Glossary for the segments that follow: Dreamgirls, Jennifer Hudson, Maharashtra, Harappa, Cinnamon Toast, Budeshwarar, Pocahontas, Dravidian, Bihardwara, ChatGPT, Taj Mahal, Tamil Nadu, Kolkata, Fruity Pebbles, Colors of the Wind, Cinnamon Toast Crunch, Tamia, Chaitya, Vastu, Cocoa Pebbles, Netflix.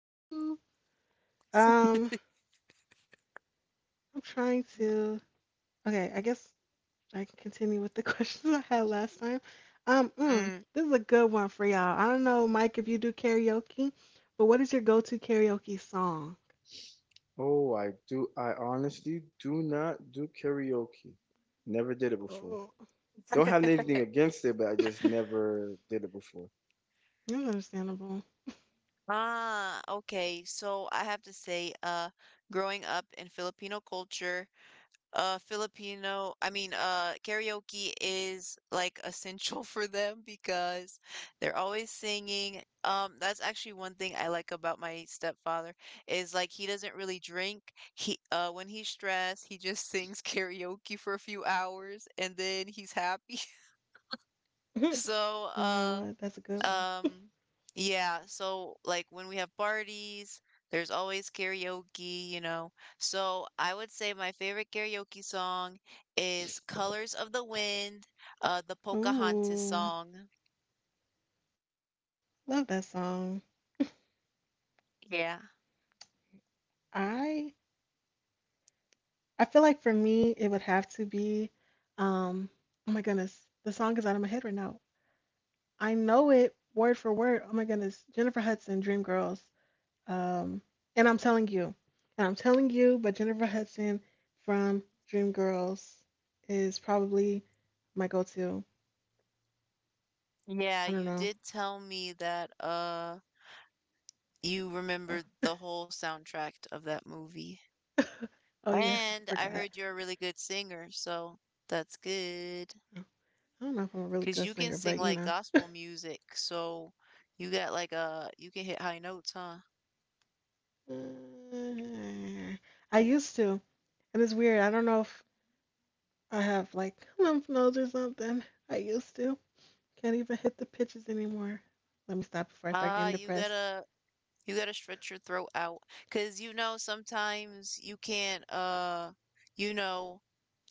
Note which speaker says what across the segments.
Speaker 1: Woo. Um, I'm trying to. Okay, I guess I can continue with the questions I had last time.
Speaker 2: Mm.
Speaker 1: This is a good one for y'all. I don't know, Mike, if you do karaoke, but what is your go-to karaoke song? Oh, um, that's understandable.
Speaker 2: Ah, okay. So I have to say, growing up in Filipino culture, karaoke is like essential for them because they're always singing. That's actually one thing I like about my stepfather is like he doesn't really drink. He, when he's stressed, he just sings karaoke for a few hours and then he's happy. So,
Speaker 1: You know what? That's a good one.
Speaker 2: Um, yeah, so like when we have parties, there's always karaoke. So I would say my favorite karaoke song is Colors of the Wind, the Pocahontas
Speaker 1: Ooh,
Speaker 2: song.
Speaker 1: love that song.
Speaker 2: Yeah.
Speaker 1: I I feel like for me it would have to be um oh my goodness. The song is out of my head right now. I know it word for word. Oh my goodness, Jennifer Hudson, Dreamgirls. Um, and I'm telling you, and I'm telling you, but Jennifer Hudson from Dreamgirls is probably my go-to.
Speaker 2: Yeah,
Speaker 1: I don't
Speaker 2: you
Speaker 1: know.
Speaker 2: did tell me that you
Speaker 1: Uh,
Speaker 2: remembered the whole soundtrack of that movie.
Speaker 1: oh yeah, I forgot.
Speaker 2: And I heard you're a really good singer, so that's
Speaker 1: I
Speaker 2: good.
Speaker 1: don't know if I'm a really good
Speaker 2: 'Cause you
Speaker 1: singer,
Speaker 2: can
Speaker 1: but
Speaker 2: sing
Speaker 1: you
Speaker 2: like
Speaker 1: know,
Speaker 2: gospel music, so you got like a you can hit high notes, huh?
Speaker 1: Uh, I used to, and it's weird. I don't know if I have like lymph nodes or something. I used to. Can't even hit the pitches anymore. Let me stop before I start
Speaker 2: Ah,
Speaker 1: getting
Speaker 2: you
Speaker 1: depressed.
Speaker 2: gotta stretch your throat out, cause sometimes you can't you know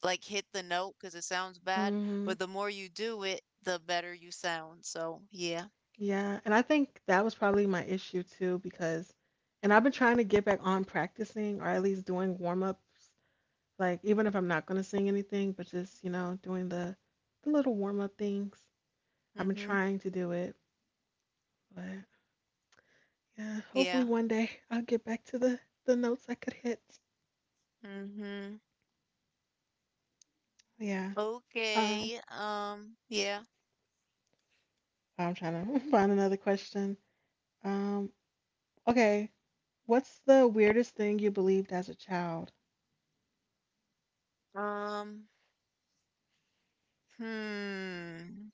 Speaker 2: like hit the note cause it sounds bad,
Speaker 1: Hmm.
Speaker 2: but the more you do it, the better you sound. So, yeah.
Speaker 1: Yeah, and I think that was probably my issue too because, and I've been trying to get back on practicing or at least doing warm ups, like even if I'm not gonna sing anything, but just you know doing the little warm up things. I've been
Speaker 2: Mm-hmm.
Speaker 1: trying to do it, but yeah, hopefully
Speaker 2: Yeah.
Speaker 1: one day I'll get back to the notes I could hit.
Speaker 2: Mm-hmm.
Speaker 1: Yeah. Um,
Speaker 2: Okay. Yeah.
Speaker 1: I'm trying to find another question. Um, okay, what's the weirdest thing you believed as a child?
Speaker 2: Um, hmm.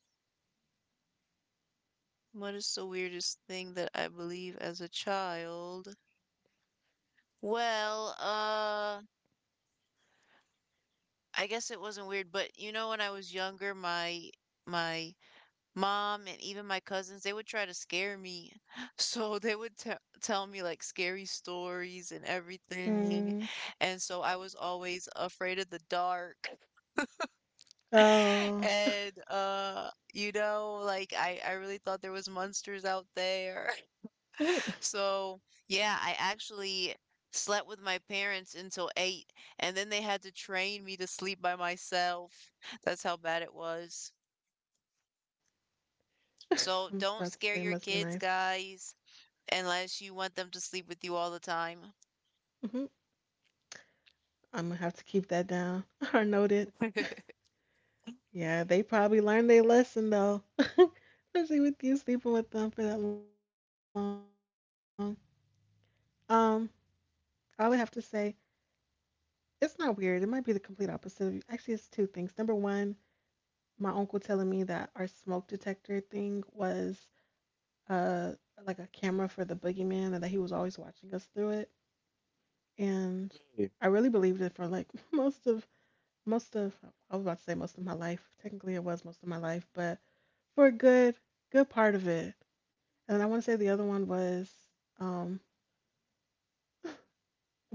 Speaker 2: What is the weirdest thing that I believe as a child? Well, I guess it wasn't weird, but you know, when I was younger, my my mom and even my cousins, they would try to scare me. So they would te tell me like scary stories and everything.
Speaker 1: Hmm.
Speaker 2: And so I was always afraid of the dark.
Speaker 1: Oh.
Speaker 2: And you know, like I really thought there was monsters out there. So, yeah, I actually slept with my parents until 8, and then they had to train me to sleep by myself. That's how bad it was. So,
Speaker 1: I'm
Speaker 2: don't
Speaker 1: about to
Speaker 2: scare
Speaker 1: say it
Speaker 2: your
Speaker 1: must be
Speaker 2: kids,
Speaker 1: nice.
Speaker 2: guys, unless you want them to sleep with you all the time.
Speaker 1: Hmm. I'm gonna have to keep that down or note. Yeah, they probably learned their lesson though, especially with you sleeping with them for that long. Um, I would have to say it's not weird. It might be the complete opposite of you. Actually, it's two things. Number one, my uncle telling me that our smoke detector thing was uh like a camera for the boogeyman, and that he was always watching us through it. And I really believed it for like most of I was about to say most of my life. Technically, it was most of my life, but for a good part of it. And I want to say the other one was um,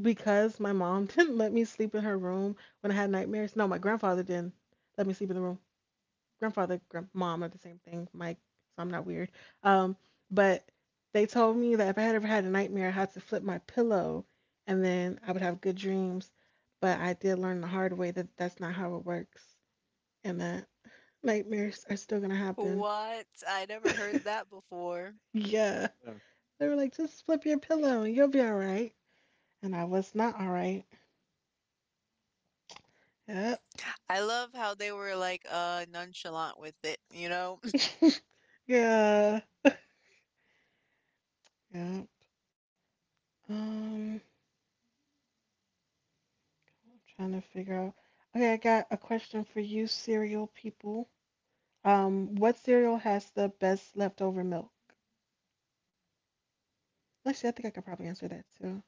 Speaker 1: because my mom didn't let me sleep in her room when I had nightmares. No, my grandfather didn't let me sleep in the room. Grandfather, grand- mom are the same thing, Mike. So I'm not weird. Um, but they told me that if I had ever had a nightmare, I had to flip my pillow, and then I would have good dreams. But I did learn the hard way that that's not how it works and that nightmares are still gonna happen.
Speaker 2: What? I never heard that before.
Speaker 1: Yeah. They were like, just flip your pillow and you'll be all right. And I was not all right. Yep.
Speaker 2: I love how they were like nonchalant with it, you know?
Speaker 1: Yeah. Yeah. I'm trying to figure out. Okay, I got a question for you, cereal people. What cereal has the best leftover milk? Actually, I think I could probably answer that too.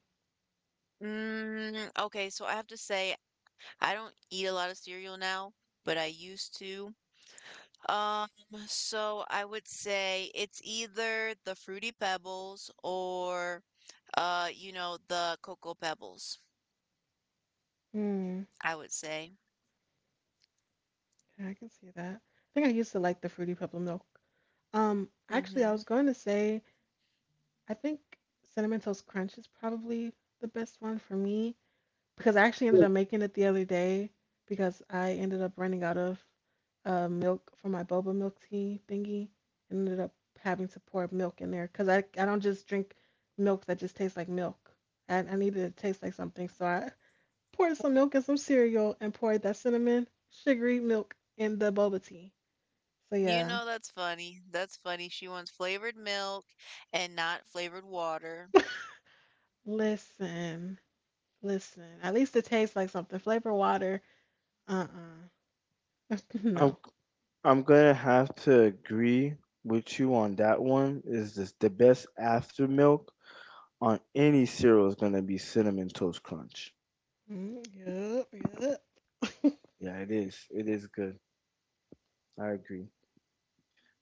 Speaker 2: Mm, okay, so I have to say I don't eat a lot of cereal now, but I used to. Um, so, I would say it's either the Fruity Pebbles or you know, the Cocoa Pebbles,
Speaker 1: Hmm.
Speaker 2: I would say.
Speaker 1: Yeah, I can see that. I think I used to like the fruity pebble milk. Actually, I
Speaker 2: Mm-hmm.
Speaker 1: was going to say I think Cinnamon Toast Crunch is probably the best one for me because I actually ended up making it the other day because I ended up running out of milk for my boba milk tea thingy and ended up having to pour milk in there because I don't just drink milk that just tastes like milk. I need it to taste like something. So I poured some milk and some cereal and poured that cinnamon sugary milk in the boba tea. So
Speaker 2: You
Speaker 1: yeah,
Speaker 2: know, that's funny. That's funny. She wants flavored milk and not flavored water.
Speaker 1: listen, listen. At least it tastes like something. Flavor water. Uh-uh.
Speaker 3: I'm
Speaker 1: No.
Speaker 3: I'm gonna have to agree with you on that one. Is this the best after milk on any cereal is gonna be Cinnamon Toast Crunch.
Speaker 1: Mm, yep, yep.
Speaker 3: Yeah, it is. It is good. I agree.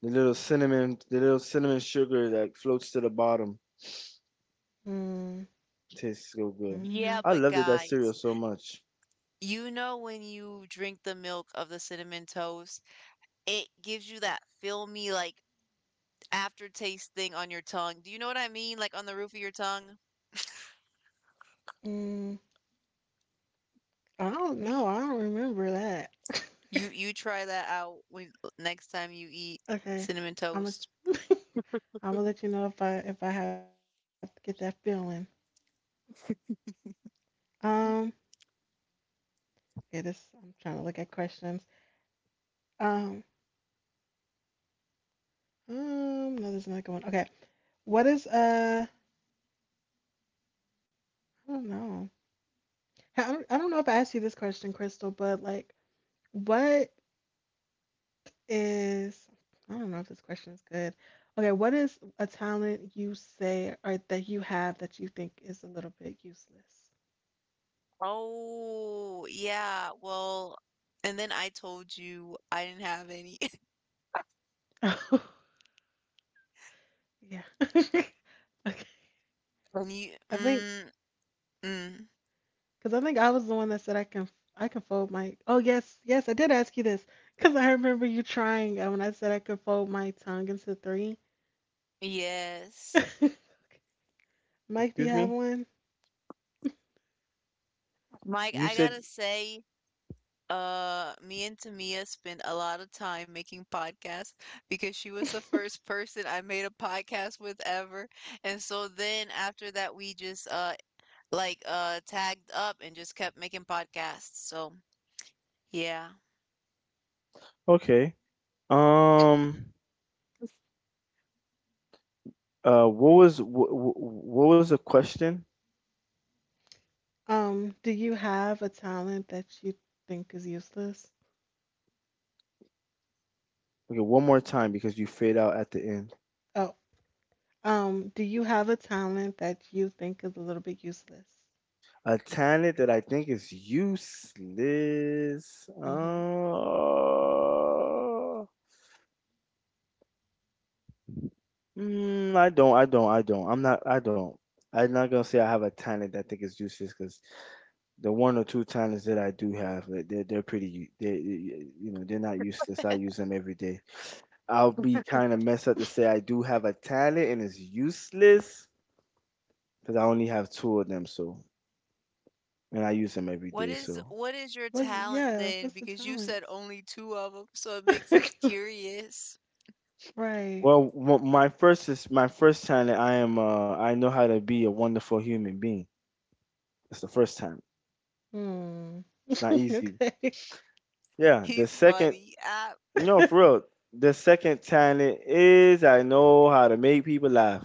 Speaker 3: The little cinnamon sugar that floats to the bottom
Speaker 1: Mm,
Speaker 3: tastes so good.
Speaker 1: mm-hmm,
Speaker 2: Yeah,
Speaker 3: I
Speaker 2: but
Speaker 3: loved it, that cereal
Speaker 2: guys,
Speaker 3: so much.
Speaker 2: you know when you drink the milk of the cinnamon toast, it gives you that filmy like aftertaste thing on your tongue. Do you know what I mean? Like on the roof of your tongue.
Speaker 1: mm. I don't know. I don't remember that.
Speaker 2: You try that out when next time you eat
Speaker 1: Okay.
Speaker 2: cinnamon
Speaker 1: I'm
Speaker 2: toast.
Speaker 1: gonna I'm gonna let you know if I have to get that feeling. Um, okay, this I'm trying to look at questions. Um, no, there's another good one. Okay, what is I don't know. I don't know if I asked you this question, Crystal, but like, what is I don't know if this question is good. Okay, what is a talent you say or that you have that you think is a little bit useless?
Speaker 2: Oh, yeah. Well, and then I told you I didn't have any.
Speaker 1: Oh, yeah. Okay.
Speaker 2: And you,
Speaker 1: I think
Speaker 2: mm,
Speaker 1: because I think I was the one that said I can fold my. Oh yes, yes, I did ask you this because I remember you trying when I said I could fold my tongue into three.
Speaker 2: yes.
Speaker 1: Mike, do
Speaker 3: Excuse
Speaker 1: you have
Speaker 3: me?
Speaker 1: one?
Speaker 2: Mike,
Speaker 3: You
Speaker 2: I
Speaker 3: said
Speaker 2: gotta say, me and Tamia spent a lot of time making podcasts because she was the first person I made a podcast with ever. And so then after that, we just like tagged up and just kept making podcasts. So yeah.
Speaker 3: okay. Um, what was what was the question?
Speaker 1: Do you have a talent that you think is useless?
Speaker 3: Okay, one more time because you fade out at the end.
Speaker 1: Oh. Do you have a talent that you think is a little bit useless?
Speaker 3: A talent that I think is useless.
Speaker 1: Mm-hmm.
Speaker 3: Uh, I don't. I don't. I don't. I'm not. I don't. I'm not gonna say I have a talent that I think is useless because the one or two talents that I do have, like, they're pretty. They, you know, they're not useless. I use them every day. I'll be kind of messed up to say I do have a talent and it's useless because I only have two of them. So and I use them every
Speaker 2: What
Speaker 3: day.
Speaker 2: is
Speaker 3: So
Speaker 2: your
Speaker 1: What's
Speaker 2: talent
Speaker 1: yeah,
Speaker 2: then?
Speaker 1: what's the
Speaker 2: Because you said
Speaker 1: talents?
Speaker 2: only two of them, so it makes us curious.
Speaker 1: Right.
Speaker 3: well, my first is my first time that I am I know how to be a wonderful human being. It's the first time.
Speaker 1: Hmm.
Speaker 3: It's not easy.
Speaker 1: Okay.
Speaker 3: Yeah, the
Speaker 2: He's
Speaker 3: second,
Speaker 2: funny.
Speaker 3: no, for real. The second time it is I know how to make people laugh.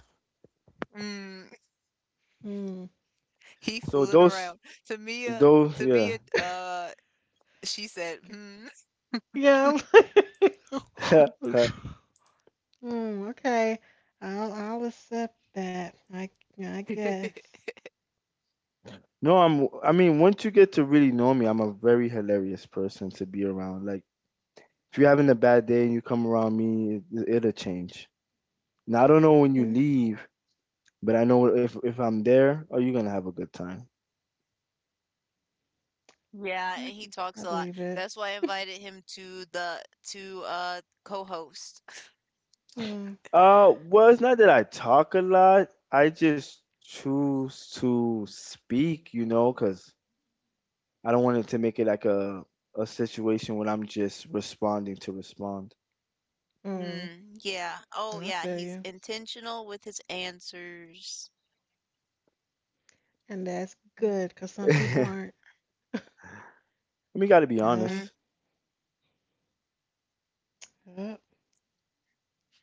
Speaker 2: mm,
Speaker 1: Hmm.
Speaker 2: he
Speaker 3: So
Speaker 2: fooling around. Tamia,
Speaker 3: those yeah.
Speaker 2: Tamia, she said, hmm.
Speaker 1: Yeah. I'm- Hmm. Okay. I'll accept that. I guess.
Speaker 3: No, I mean, once you get to really know me, I'm a very hilarious person to be around. Like if you're having a bad day and you come around me, it'll change. Now I don't know when you
Speaker 1: Hmm,
Speaker 3: leave, but I know if I'm there, oh, you're gonna have a good time.
Speaker 2: Yeah,
Speaker 1: I
Speaker 2: and he
Speaker 1: can- I
Speaker 2: talks a lot.
Speaker 1: believe it.
Speaker 2: That's why I invited him to the to co-host.
Speaker 1: Yeah.
Speaker 3: Well, it's not that I talk a lot. I just choose to speak, you know, because I don't want it to make it like a situation where I'm just responding to respond.
Speaker 1: Hmm.
Speaker 2: Mm, yeah. Oh
Speaker 1: I
Speaker 2: yeah,
Speaker 1: feel
Speaker 2: he's
Speaker 1: you.
Speaker 2: intentional with his answers.
Speaker 1: And that's good, 'cause some people aren't.
Speaker 3: We got to be
Speaker 1: Yeah.
Speaker 2: Hmm.
Speaker 3: honest.
Speaker 1: Yep.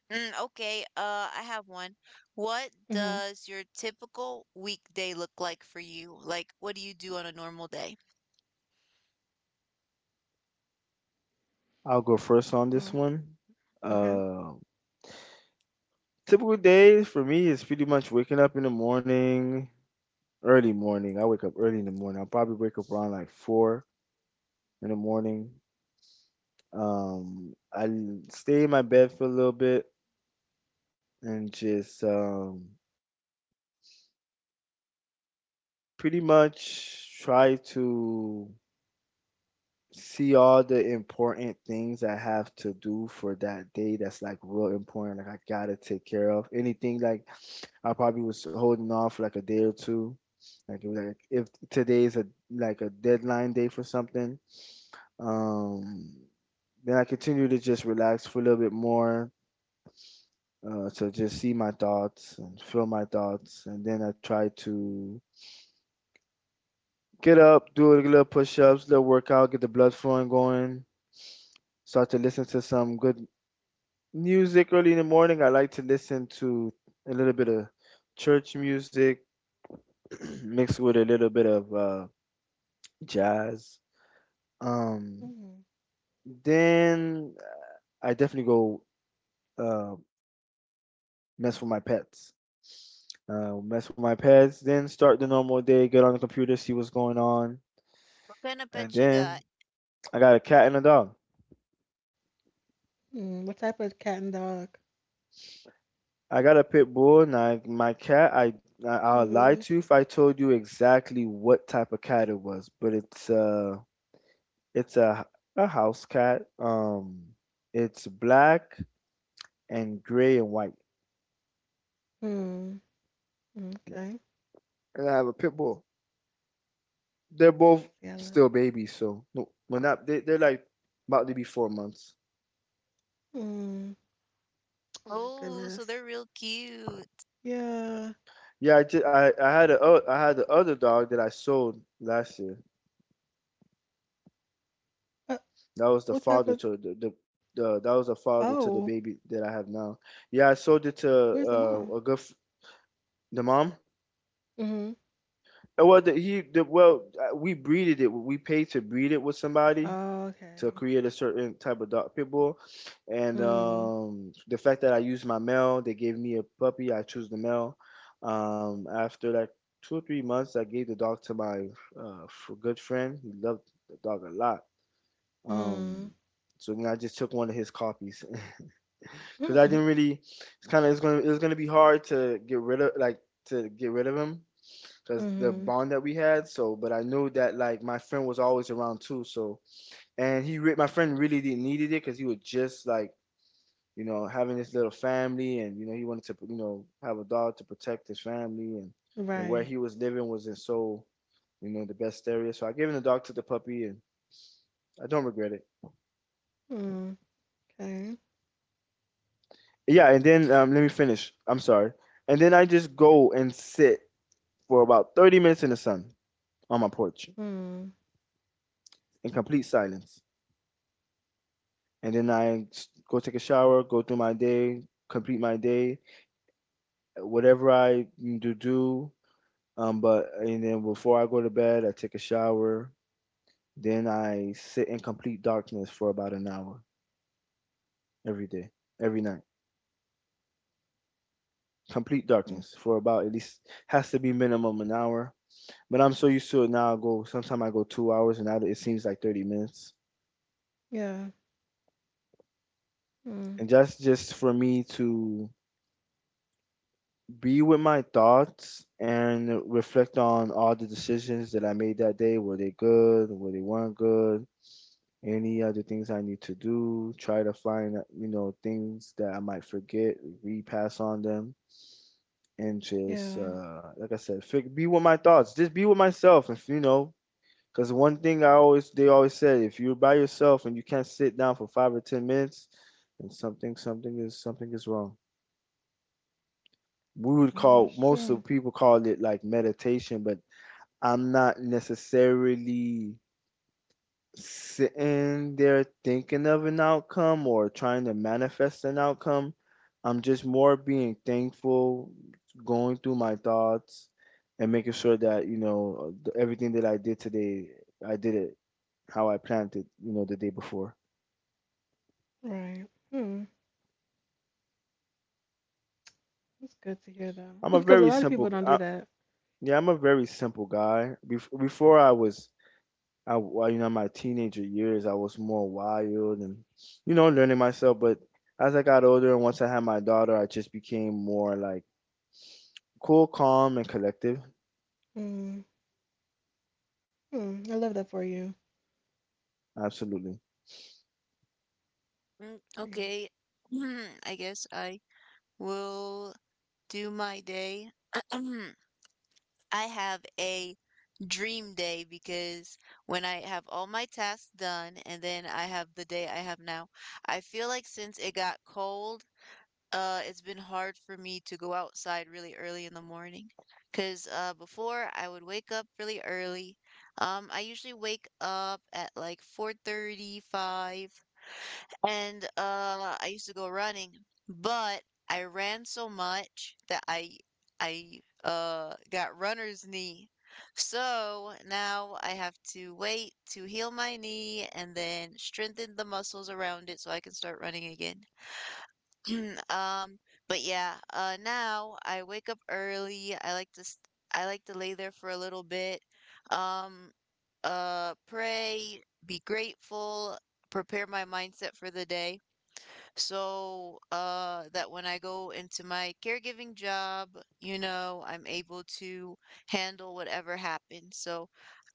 Speaker 2: Mm, okay, I have one. What
Speaker 1: Mhm.
Speaker 2: does your typical weekday look like for you? Like, what do you do on a normal day?
Speaker 3: I'll go first on this
Speaker 1: Oh,
Speaker 3: one.
Speaker 1: okay.
Speaker 3: Uh, Typical days for me is pretty much waking up in the morning, early morning. I wake up early in the morning. I'll probably wake up around like four in the morning. I stay in my bed for a little bit and just pretty much try to see all the important things I have to do for that day that's like real important, like I gotta take care of. Anything like I probably was holding off for, like a day or two. Like, it was like if today is a like a deadline day for something, um, then I continue to just relax for a little bit more, to just see my thoughts and feel my thoughts, and then I try to get up, do a little push-ups, little workout, get the blood flowing going. Start to listen to some good music early in the morning. I like to listen to a little bit of church music mixed with a little bit of jazz. Um,
Speaker 1: Mm.
Speaker 3: then I definitely go uh, mess with my pets. Mess with my pets, then start the normal day, get on the computer, see what's going on,
Speaker 2: What kind of
Speaker 3: and
Speaker 2: pet you
Speaker 3: then
Speaker 2: got?
Speaker 3: I got a cat and a dog.
Speaker 1: Mm. What type of cat and dog?
Speaker 3: I got a pit bull and my cat. I'll lie
Speaker 1: Mm.
Speaker 3: to you if I told you exactly what type of cat it was, but it's it's a house cat. It's black and gray and white.
Speaker 1: Mm.
Speaker 3: Yeah.
Speaker 1: Okay.
Speaker 3: And I have a pit bull. They're both
Speaker 1: Yellow.
Speaker 3: still babies, so no, well not they're like about to be 4 months.
Speaker 1: Mm. Oh my
Speaker 2: Oh, so
Speaker 1: goodness.
Speaker 2: they're real cute.
Speaker 1: Yeah.
Speaker 3: Yeah, I just, I had I had the other dog that I sold last year.
Speaker 1: Uh,
Speaker 3: That was the
Speaker 1: what type
Speaker 3: father
Speaker 1: of?
Speaker 3: to the that was the
Speaker 1: Oh,
Speaker 3: father to the baby that I have now. Yeah, I sold it to
Speaker 1: where's the mom?
Speaker 3: a good the mom.
Speaker 1: Mm-hmm.
Speaker 3: Well, the, he the well we breeded it. We paid to breed it with somebody to
Speaker 1: Okay.
Speaker 3: create a certain type of dog pit bull, and
Speaker 1: Mm.
Speaker 3: the fact that I used my male, they gave me a puppy. I choose the male. After like 2 or 3 months, I gave the dog to my good friend. He loved the dog a lot.
Speaker 1: Mm.
Speaker 3: Um, so then I just took one of his copies. Because I
Speaker 1: Mm-hmm.
Speaker 3: didn't really. It's kind of it's going to it was going to be hard to get rid of him because the
Speaker 1: Mm-hmm.
Speaker 3: bond that we had. So, but I knew that like my friend was always around too. So, and my friend really didn't needed it because he was just like, you know, having his little family and, you know, he wanted to, you know, have a dog to protect his family and, you know, where
Speaker 1: Right.
Speaker 3: he was living wasn't so, you know, the best area. So I gave him the dog to the puppy and I don't regret it.
Speaker 1: Mm. Okay.
Speaker 3: Yeah, and then let me finish. I'm sorry. And then I just go and sit for about 30 minutes in the sun on my porch
Speaker 1: Mm.
Speaker 3: in complete silence. And then I go take a shower, go through my day, complete my day, whatever I do do. But and then before I go to bed, I take a shower. Then I sit in complete darkness for about an hour every day, every night. Complete
Speaker 1: Mm.
Speaker 3: darkness for about at least has to be minimum an hour. But I'm so used to it now. I go sometimes I go 2 hours, and now it seems like 30 minutes.
Speaker 1: Yeah. Mm.
Speaker 3: And that's just for me to be with my thoughts and reflect on all the decisions that I made that day. Were they good? Were they weren't good? Any other things I need to do? Try to find, you know, things that I might forget, repass on them, and just,
Speaker 1: Yeah.
Speaker 3: like I said, be with my thoughts. Just be with myself. If you know, because one thing I always, they always said, if you're by yourself and you can't sit down for 5 or 10 minutes, and something is wrong. We would
Speaker 1: That
Speaker 3: call
Speaker 1: was
Speaker 3: most
Speaker 1: true.
Speaker 3: of people called it like meditation, but I'm not necessarily sitting there thinking of an outcome or trying to manifest an outcome. I'm just more being thankful, going through my thoughts and making sure that, you know, everything that I did today, I did it how I planned it, you know, the day before.
Speaker 1: Right. Hmm. It's good to hear though,
Speaker 3: I'm a
Speaker 1: because a
Speaker 3: very
Speaker 1: lot of people
Speaker 3: simple,
Speaker 1: don't do that.
Speaker 3: yeah, I'm a very simple guy. Before I was well, you know, my teenager years, I was more wild and, you know, learning myself. But as I got older and once I had my daughter, I just became more like cool, calm, and collective.
Speaker 1: Mm. Mm. I love that for you.
Speaker 3: Absolutely.
Speaker 2: Mm,
Speaker 1: Yeah.
Speaker 2: okay, I guess I will do my day. I have a dream day because when I have all my tasks done and then I have the day I have now, I feel like since it got cold, It's been hard for me to go outside really early in the morning because before I would wake up really early. I usually wake up at like 4:35 and I used to go running, but I ran so much that I got runner's knee. So now I have to wait to heal my knee and then strengthen the muscles around it so I can start running again. Um, but yeah, now I wake up early. I like to lay there for a little bit. Um, pray, be grateful, prepare my mindset for the day. So, that when I go into my caregiving job, you know, I'm able to handle whatever happens. So,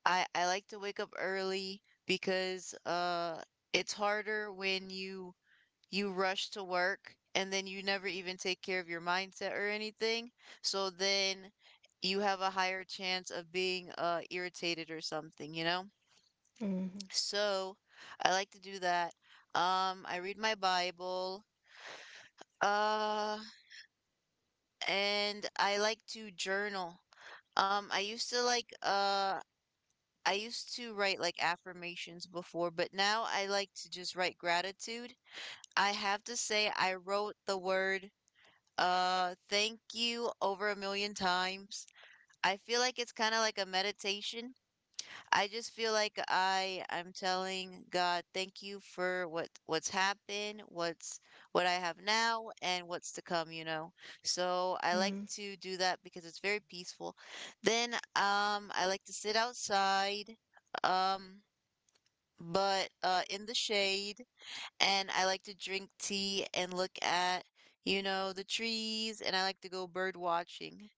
Speaker 2: I like to wake up early because it's harder when you rush to work and then you never even take care of your mindset or anything. So then you have a higher chance of being irritated or something, you know?
Speaker 1: Mhm.
Speaker 2: So I like to do that. I read my Bible. Uh, and I like to journal. I used to like I used to write like affirmations before, but now I like to just write gratitude. I have to say I wrote the word thank you over a million times. I feel like it's kind of like a meditation. I just feel like I'm telling God, thank you for what's happened, what I have now and what's to come, you know. So, I like
Speaker 1: Mhm.
Speaker 2: to do that because it's very peaceful. Then I like to sit outside um but in the shade, and I like to drink tea and look at, you know, the trees, and I like to go bird watching.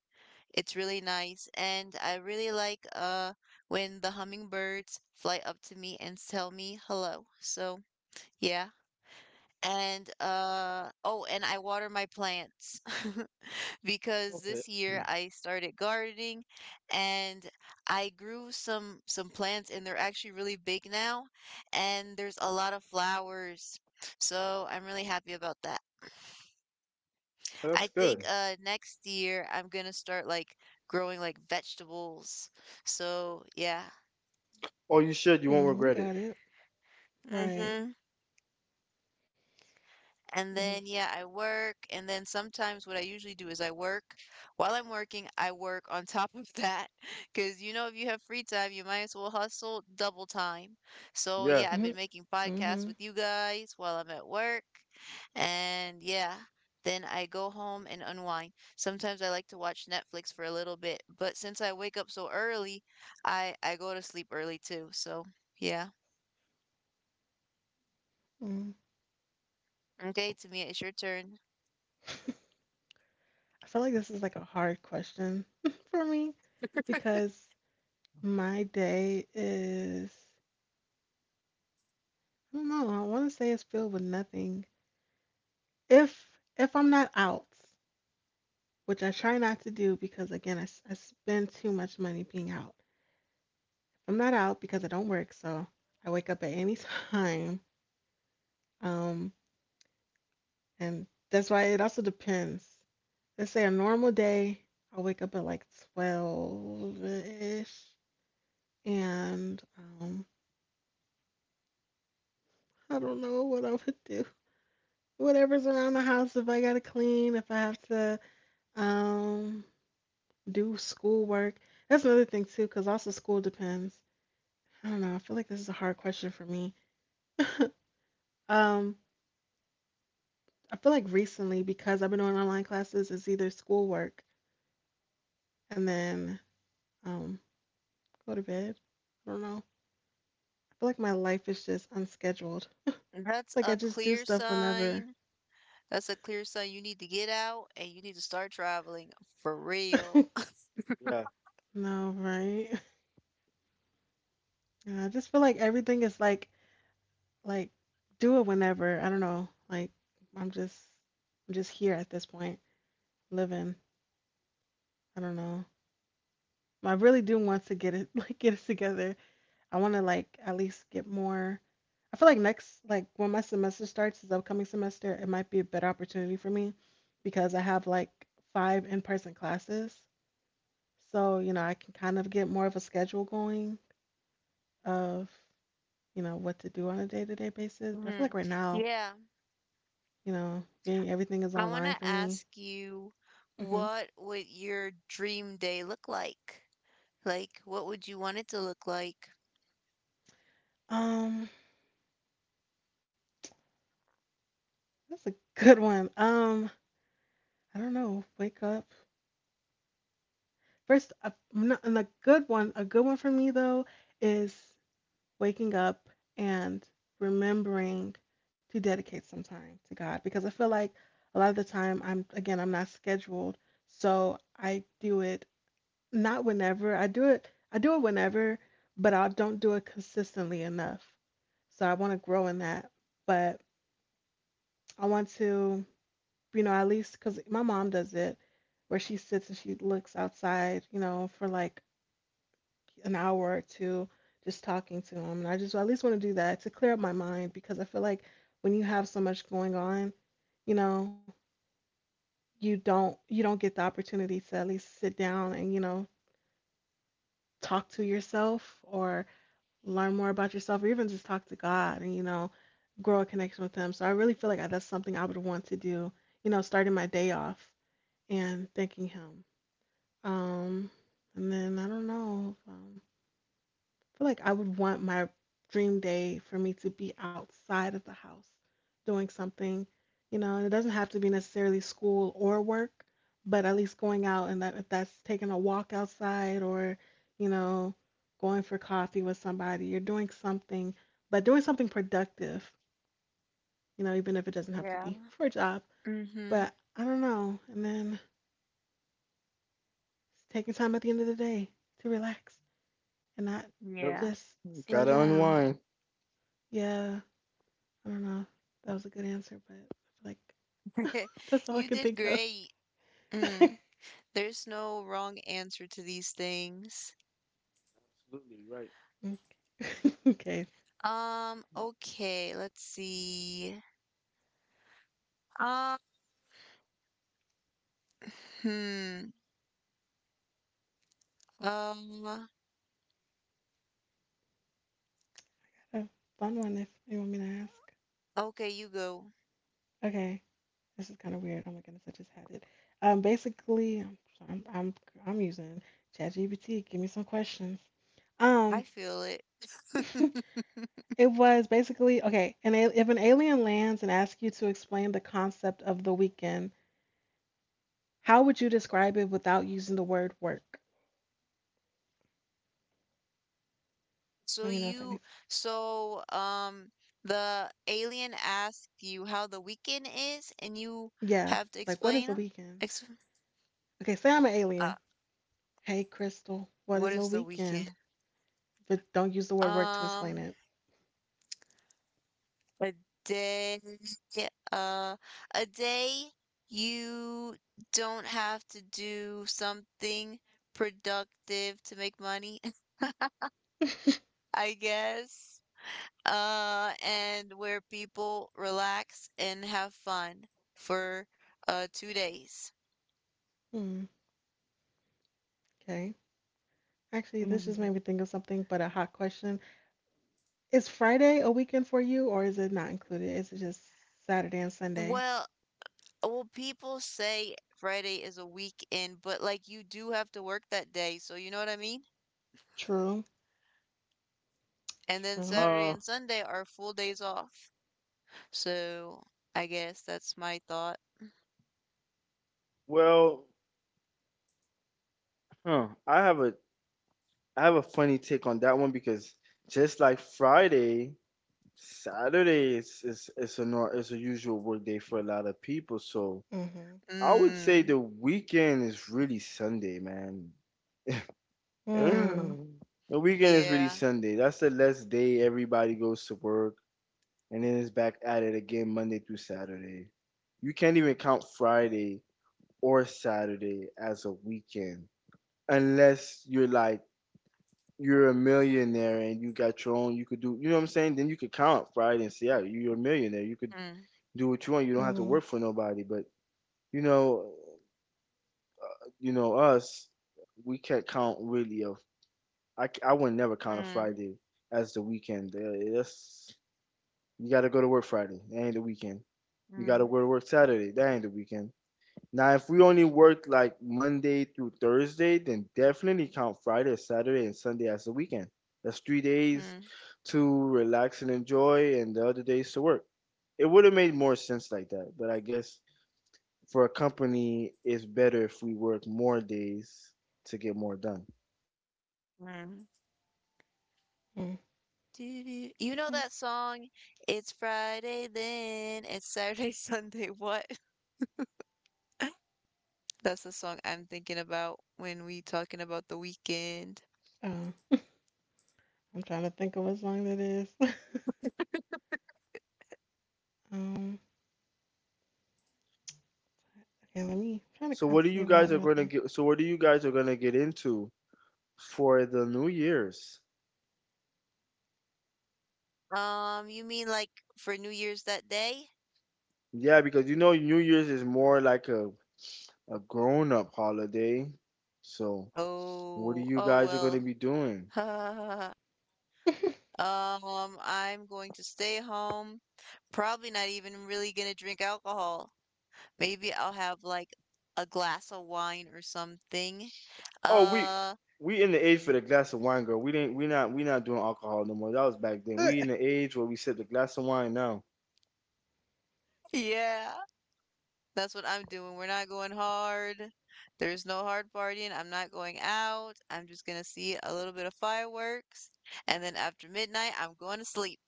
Speaker 2: It's really nice, and I really like when the hummingbirds fly up to me and tell me hello. So, yeah. And uh oh, and I water my plants. Because
Speaker 3: Okay,
Speaker 2: this year I started gardening, and I grew some plants, and they're actually really big now and there's a lot of flowers. So I'm really happy about that. I
Speaker 3: that's
Speaker 2: think
Speaker 3: good.
Speaker 2: next year I'm gonna start like growing like vegetables. So yeah.
Speaker 3: Oh, you should. You won't
Speaker 1: Mhm. You
Speaker 3: regret it.
Speaker 1: got it. Right.
Speaker 2: Mm-hmm. And
Speaker 1: Mhm.
Speaker 2: then, yeah, I work. And then sometimes what I usually do is I work. While I'm working, I work on top of that. Because, you know, if you have free time, you might as well hustle double time. So,
Speaker 3: Yeah,
Speaker 2: yeah, I've
Speaker 1: Mhm.
Speaker 2: been making podcasts
Speaker 1: Mhm.
Speaker 2: with you guys while I'm at work. And yeah, then I go home and unwind. Sometimes I like to watch Netflix for a little bit. But since I wake up so early, I go to sleep early too. So, yeah.
Speaker 1: Mhm.
Speaker 2: Okay, Tamia, it's your turn.
Speaker 1: I feel like this is like a hard question for me because my day is I don't know. I want to say it's filled with nothing. If if I'm not out, which I try not to do because again I, s- I spend too much money being out. I'm not out because I don't work, so I wake up at any time. Um, and that's why it also depends. Let's say a normal day, I will wake up at like 12-ish and I don't know what I would do. Whatever's around the house, if I gotta clean, if I have to um do schoolwork. That's another thing too, because also school depends. I don't know. I feel like this is a hard question for me. Um, I feel like recently because I've been doing online classes, it's either schoolwork and then um go to bed. I don't know. I feel like my life is just unscheduled.
Speaker 2: That's
Speaker 1: Like I
Speaker 2: a
Speaker 1: just do
Speaker 2: clear
Speaker 1: stuff whenever.
Speaker 2: sign. That's a clear sign you need to get out and you need to start traveling for real.
Speaker 3: yeah.
Speaker 1: No, right? Yeah, I just feel like everything is like do it whenever. I don't know. Like I'm just I'm just here at this point, living. I don't know. I really do want to get it like get it together. I want to like at least get more. I feel like next like when my semester starts, this upcoming semester, it might be a better opportunity for me because I have like 5 in-person classes. So, you know, I can kind of get more of a schedule going of you know, what to do on a day to day basis. But I feel
Speaker 2: Mhm.
Speaker 1: like right now,
Speaker 2: Yeah.
Speaker 1: you know, being everything is
Speaker 2: I want
Speaker 1: online
Speaker 2: to
Speaker 1: for me.
Speaker 2: ask you,
Speaker 1: Hmm.
Speaker 2: what would your dream day look like? Like, what would you want it to look like?
Speaker 1: Um, that's a good one. I don't know. Wake up first. A, not, and a good one. A good one for me though is waking up and remembering to dedicate some time to God because I feel like a lot of the time I'm again I'm not scheduled, so I do it not whenever. I do it whenever, but I don't do it consistently enough. So I want to grow in that. But I want to, you know, at least cuz my mom does it where she sits and she looks outside, you know, for like an hour or two just talking to him. And I just at least want to do that to clear up my mind because I feel like when you have so much going on, you know, you don't get the opportunity to at least sit down and, you know, talk to yourself or learn more about yourself or even just talk to God and, you know, grow a connection with Him. So I really feel like I- that's something I would want to do, you know, starting my day off and thanking Him. Um, and then I don't know. Feel like I would want my dream day for me to be outside of the house doing something, you know, and it doesn't have to be necessarily school or work, but at least going out and that if that's taking a walk outside or, you know, going for coffee with somebody, you're doing something, but doing something productive, you know, even if it doesn't have to
Speaker 2: Yeah.
Speaker 1: be for a job.
Speaker 2: Mm-hmm.
Speaker 1: But I don't know. And then taking time at the end of the day to relax and not
Speaker 3: Yep.
Speaker 2: Yeah.
Speaker 1: just sledge
Speaker 3: Gotta
Speaker 1: around.
Speaker 3: unwind.
Speaker 1: Yeah, I don't know. If that was a good answer, but I feel like that's all I
Speaker 2: You
Speaker 1: can
Speaker 2: did
Speaker 1: think of.
Speaker 2: great. Mm. There's no wrong answer to these things.
Speaker 3: Absolutely right.
Speaker 1: Okay.
Speaker 2: Okay, let's see. Um, hmm. Um,
Speaker 1: A fun one if you want me to ask.
Speaker 2: okay, you go.
Speaker 1: Okay. This is kind of weird. Oh my goodness, I just had it. Basically, I'm I'm, using ChatGPT. Give me some questions.
Speaker 2: I
Speaker 1: Um,
Speaker 2: feel it.
Speaker 1: it was basically okay. And if an alien lands and asks you to explain the concept of the weekend, how would you describe it without using the word work?
Speaker 2: So
Speaker 1: Let me know if
Speaker 2: you,
Speaker 1: anything.
Speaker 2: so um, the alien asked you how the weekend is, and you
Speaker 1: Yeah,
Speaker 2: have to
Speaker 1: like what is
Speaker 2: explain
Speaker 1: a
Speaker 2: 'em?
Speaker 1: weekend?
Speaker 2: Ex
Speaker 1: Okay, say I'm an
Speaker 2: uh,
Speaker 1: alien. Hey, Crystal, what
Speaker 2: what
Speaker 1: is a
Speaker 2: is the weekend?
Speaker 1: weekend? But don't use the word work to explain
Speaker 2: Um,
Speaker 1: it.
Speaker 2: a day, uh, a day you don't have to do something productive to make money, I guess. And where people relax and have fun for 2 days.
Speaker 1: Hmm, okay. Actually, this just
Speaker 2: Mhm.
Speaker 1: made me think of something, but a hot question. Is Friday a weekend for you, or is it not included? Is it just Saturday and Sunday?
Speaker 2: Well, people say Friday is a weekend, but like you do have to work that day, so you know what I mean?
Speaker 1: True,
Speaker 2: And then
Speaker 1: true.
Speaker 2: Saturday
Speaker 3: Uh,
Speaker 2: and Sunday are full days off. So I guess that's my thought.
Speaker 3: well, huh. I have a I have a funny take on that one because just like Friday, Saturday is a nor- is a usual work day for a lot of people. So
Speaker 1: Mm-hmm.
Speaker 3: I would say
Speaker 2: Mm,
Speaker 3: the weekend is really Sunday, man.
Speaker 1: Mm,
Speaker 3: The weekend is really
Speaker 2: yeah.
Speaker 3: Sunday. That's the last day everybody goes to work, and then it's back at it again Monday through Saturday. You can't even count Friday or Saturday as a weekend unless you're like you're a millionaire and you got your own, you could do, you know what I'm saying? Then you could count, Friday and say, yeah, you're a millionaire. You could
Speaker 2: Mm,
Speaker 3: do what you want. You don't have to work
Speaker 1: mm,
Speaker 3: for nobody. But, you know, you know, us, we can't count really of, I would never count a
Speaker 2: mm,
Speaker 3: Friday as the weekend. That's, you got to go to work Friday. That ain't the weekend. You got to
Speaker 2: mm,
Speaker 3: go to work Saturday. That ain't the weekend. Now, if we only work like Monday through Thursday, then definitely count Friday, Saturday, and Sunday as a weekend. That's three days
Speaker 2: mm,
Speaker 3: to relax and enjoy, and the other days to work. It would have made more sense like that, but I guess for a company, it's better if we work more days to get more done.
Speaker 2: mm.
Speaker 1: mm. Okay.
Speaker 2: Do-do. You know that song? It's Friday, then, it's Saturday, Sunday, what? That's the song I'm thinking about when we talking about the weekend.
Speaker 1: Um, I'm trying to think of what song that is. um, okay, let me try to
Speaker 3: So, what do
Speaker 1: see
Speaker 3: you
Speaker 1: if I
Speaker 3: guys
Speaker 1: have
Speaker 3: are
Speaker 1: another
Speaker 3: going to
Speaker 1: one.
Speaker 3: get? So, what do you guys are going to get into for the New Year's?
Speaker 2: You mean like for New Year's that day?
Speaker 3: Yeah, because you know New Year's is more like a grown up holiday, so. What are
Speaker 2: Oh,
Speaker 3: you
Speaker 2: oh
Speaker 3: guys are gonna
Speaker 2: well.
Speaker 3: be doing?
Speaker 2: I'm going to stay home. Probably not even really gonna drink alcohol. Maybe I'll have like a glass of wine or something.
Speaker 3: Oh,
Speaker 2: Uh,
Speaker 3: we in the age for the glass of wine, girl. We not doing alcohol no more. That was back then. We in the age where we sip the glass of wine now.
Speaker 2: yeah. That's what I'm doing. We're not going hard. There's no hard partying. I'm not going out. I'm just gonna see a little bit of fireworks, and then after midnight, I'm going to sleep.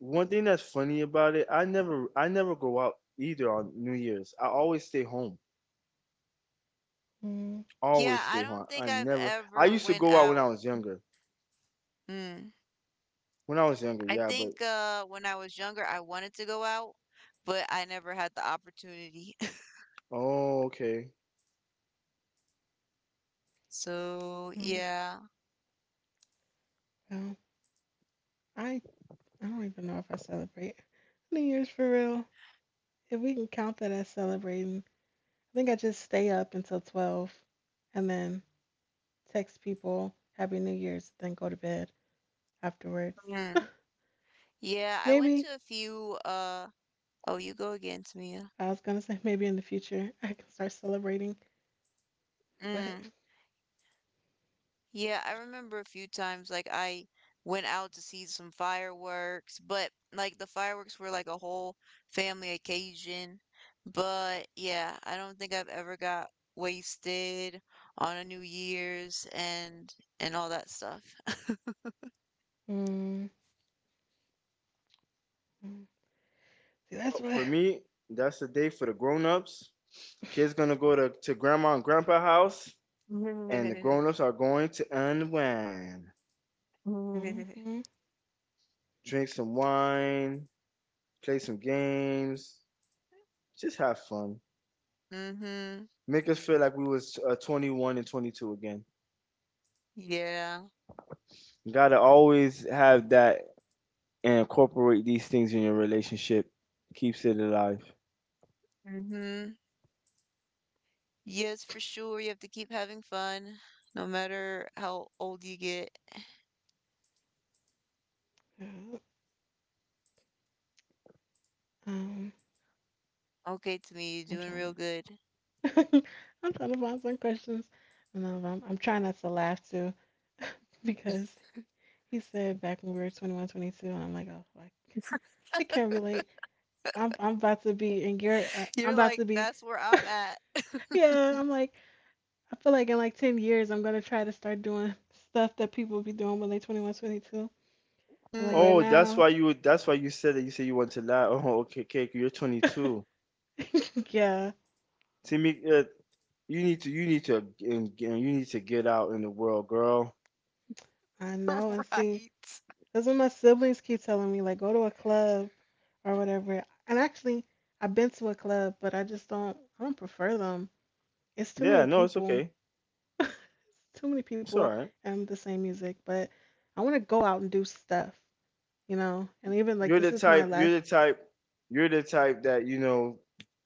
Speaker 3: One thing that's funny about it, I never go out either on New Year's. I always stay home.
Speaker 1: Mm,
Speaker 2: Yeah,
Speaker 3: Always
Speaker 2: I
Speaker 3: stay home.
Speaker 2: don't think
Speaker 3: I
Speaker 2: I've
Speaker 3: never I
Speaker 2: ever
Speaker 3: used to
Speaker 2: went
Speaker 3: go out when I
Speaker 2: out.
Speaker 3: was younger.
Speaker 2: Mm.
Speaker 3: When I was younger,
Speaker 2: I
Speaker 3: yeah, but
Speaker 2: think when I was younger, I wanted to go out, but I never had the opportunity.
Speaker 3: oh, okay.
Speaker 2: So,
Speaker 1: mm,
Speaker 2: yeah.
Speaker 1: well, I I don't even know if I celebrate New Year's for real. If we can count that as celebrating, I think I just stay up until 12 and then text people Happy New Year's, then go to bed afterwards.
Speaker 2: Mm. Yeah, I went
Speaker 1: Maybe,
Speaker 2: to a few oh, you go again, Tamia.
Speaker 1: I was going to say maybe in the future I can start celebrating, but
Speaker 2: Mm. Yeah, I remember a few times like I went out to see some fireworks, but like the fireworks were like a whole family occasion. But yeah, I don't think I've ever got wasted on a New Year's and all that stuff.
Speaker 1: mm, mm. See, that's
Speaker 3: Oh,
Speaker 1: what.
Speaker 3: for me, that's the day for the grown ups. Kids gonna go to grandma and grandpa house, and the grown ups are going to unwind,
Speaker 1: Hmm.
Speaker 3: drink some wine, play some games, just have fun.
Speaker 2: Mm-hmm.
Speaker 3: Make us feel like we was 21 and 22 again.
Speaker 2: Yeah.
Speaker 3: You gotta always have that and incorporate these things in your relationship. Keeps it alive.
Speaker 2: Mm-hmm. Yes, for sure. You have to keep having fun, no matter how old you get.
Speaker 1: Um,
Speaker 2: Okay, to me, you're
Speaker 1: I'm
Speaker 2: doing
Speaker 1: trying
Speaker 2: real good.
Speaker 1: to. I'm trying to find some questions. No, I'm trying not to laugh too because he said back when we were 21, 22, and I'm like, oh, like I can't relate. I'm about to be in Garrett, I'm
Speaker 2: You're
Speaker 1: about
Speaker 2: like,
Speaker 1: to be.
Speaker 2: "That's where I'm at."
Speaker 1: Yeah, I'm like I feel like in like 10 years I'm gonna try to start doing stuff that people be doing when they 21, 22. I'm like right
Speaker 3: Oh,
Speaker 2: Mm,
Speaker 3: that's
Speaker 1: now,
Speaker 3: why you. That's why you said that. You said you want to lie. Oh, okay, okay. You're 22.
Speaker 1: yeah,
Speaker 3: Timmy, you need to. You need to. And you need to get out in the world, girl.
Speaker 1: I know and see.
Speaker 2: right.
Speaker 1: That's what my siblings keep telling me, like go to a club or whatever. And actually, I've been to a club, but I just don't I don't prefer them. It's too many
Speaker 3: Yeah, no, it's
Speaker 1: people.
Speaker 3: okay.
Speaker 1: Too many
Speaker 3: It's all
Speaker 1: people
Speaker 3: right.
Speaker 1: and the same music, but I want to go out and do stuff, you know? And even like
Speaker 3: You're
Speaker 1: this
Speaker 3: the
Speaker 1: is my
Speaker 3: type. You're
Speaker 1: last.
Speaker 3: the type. You're the type that, you know,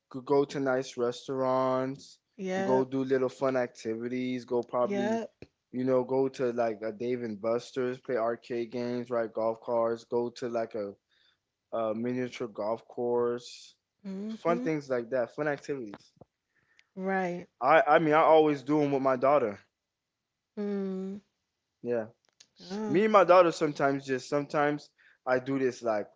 Speaker 3: could go to nice restaurants, go
Speaker 1: Yep.
Speaker 3: do little fun activities, go probably,
Speaker 1: Yep.
Speaker 3: you know, go to like a Dave and Buster's, play arcade games, ride golf cars, go to like a miniature golf course, fun
Speaker 1: Mm-hmm.
Speaker 3: things like that, fun activities.
Speaker 1: Right.
Speaker 3: I mean I always do them with my daughter.
Speaker 1: Mm.
Speaker 3: Yeah,
Speaker 1: Yeah.
Speaker 3: me and my daughter sometimes, just sometimes I do this like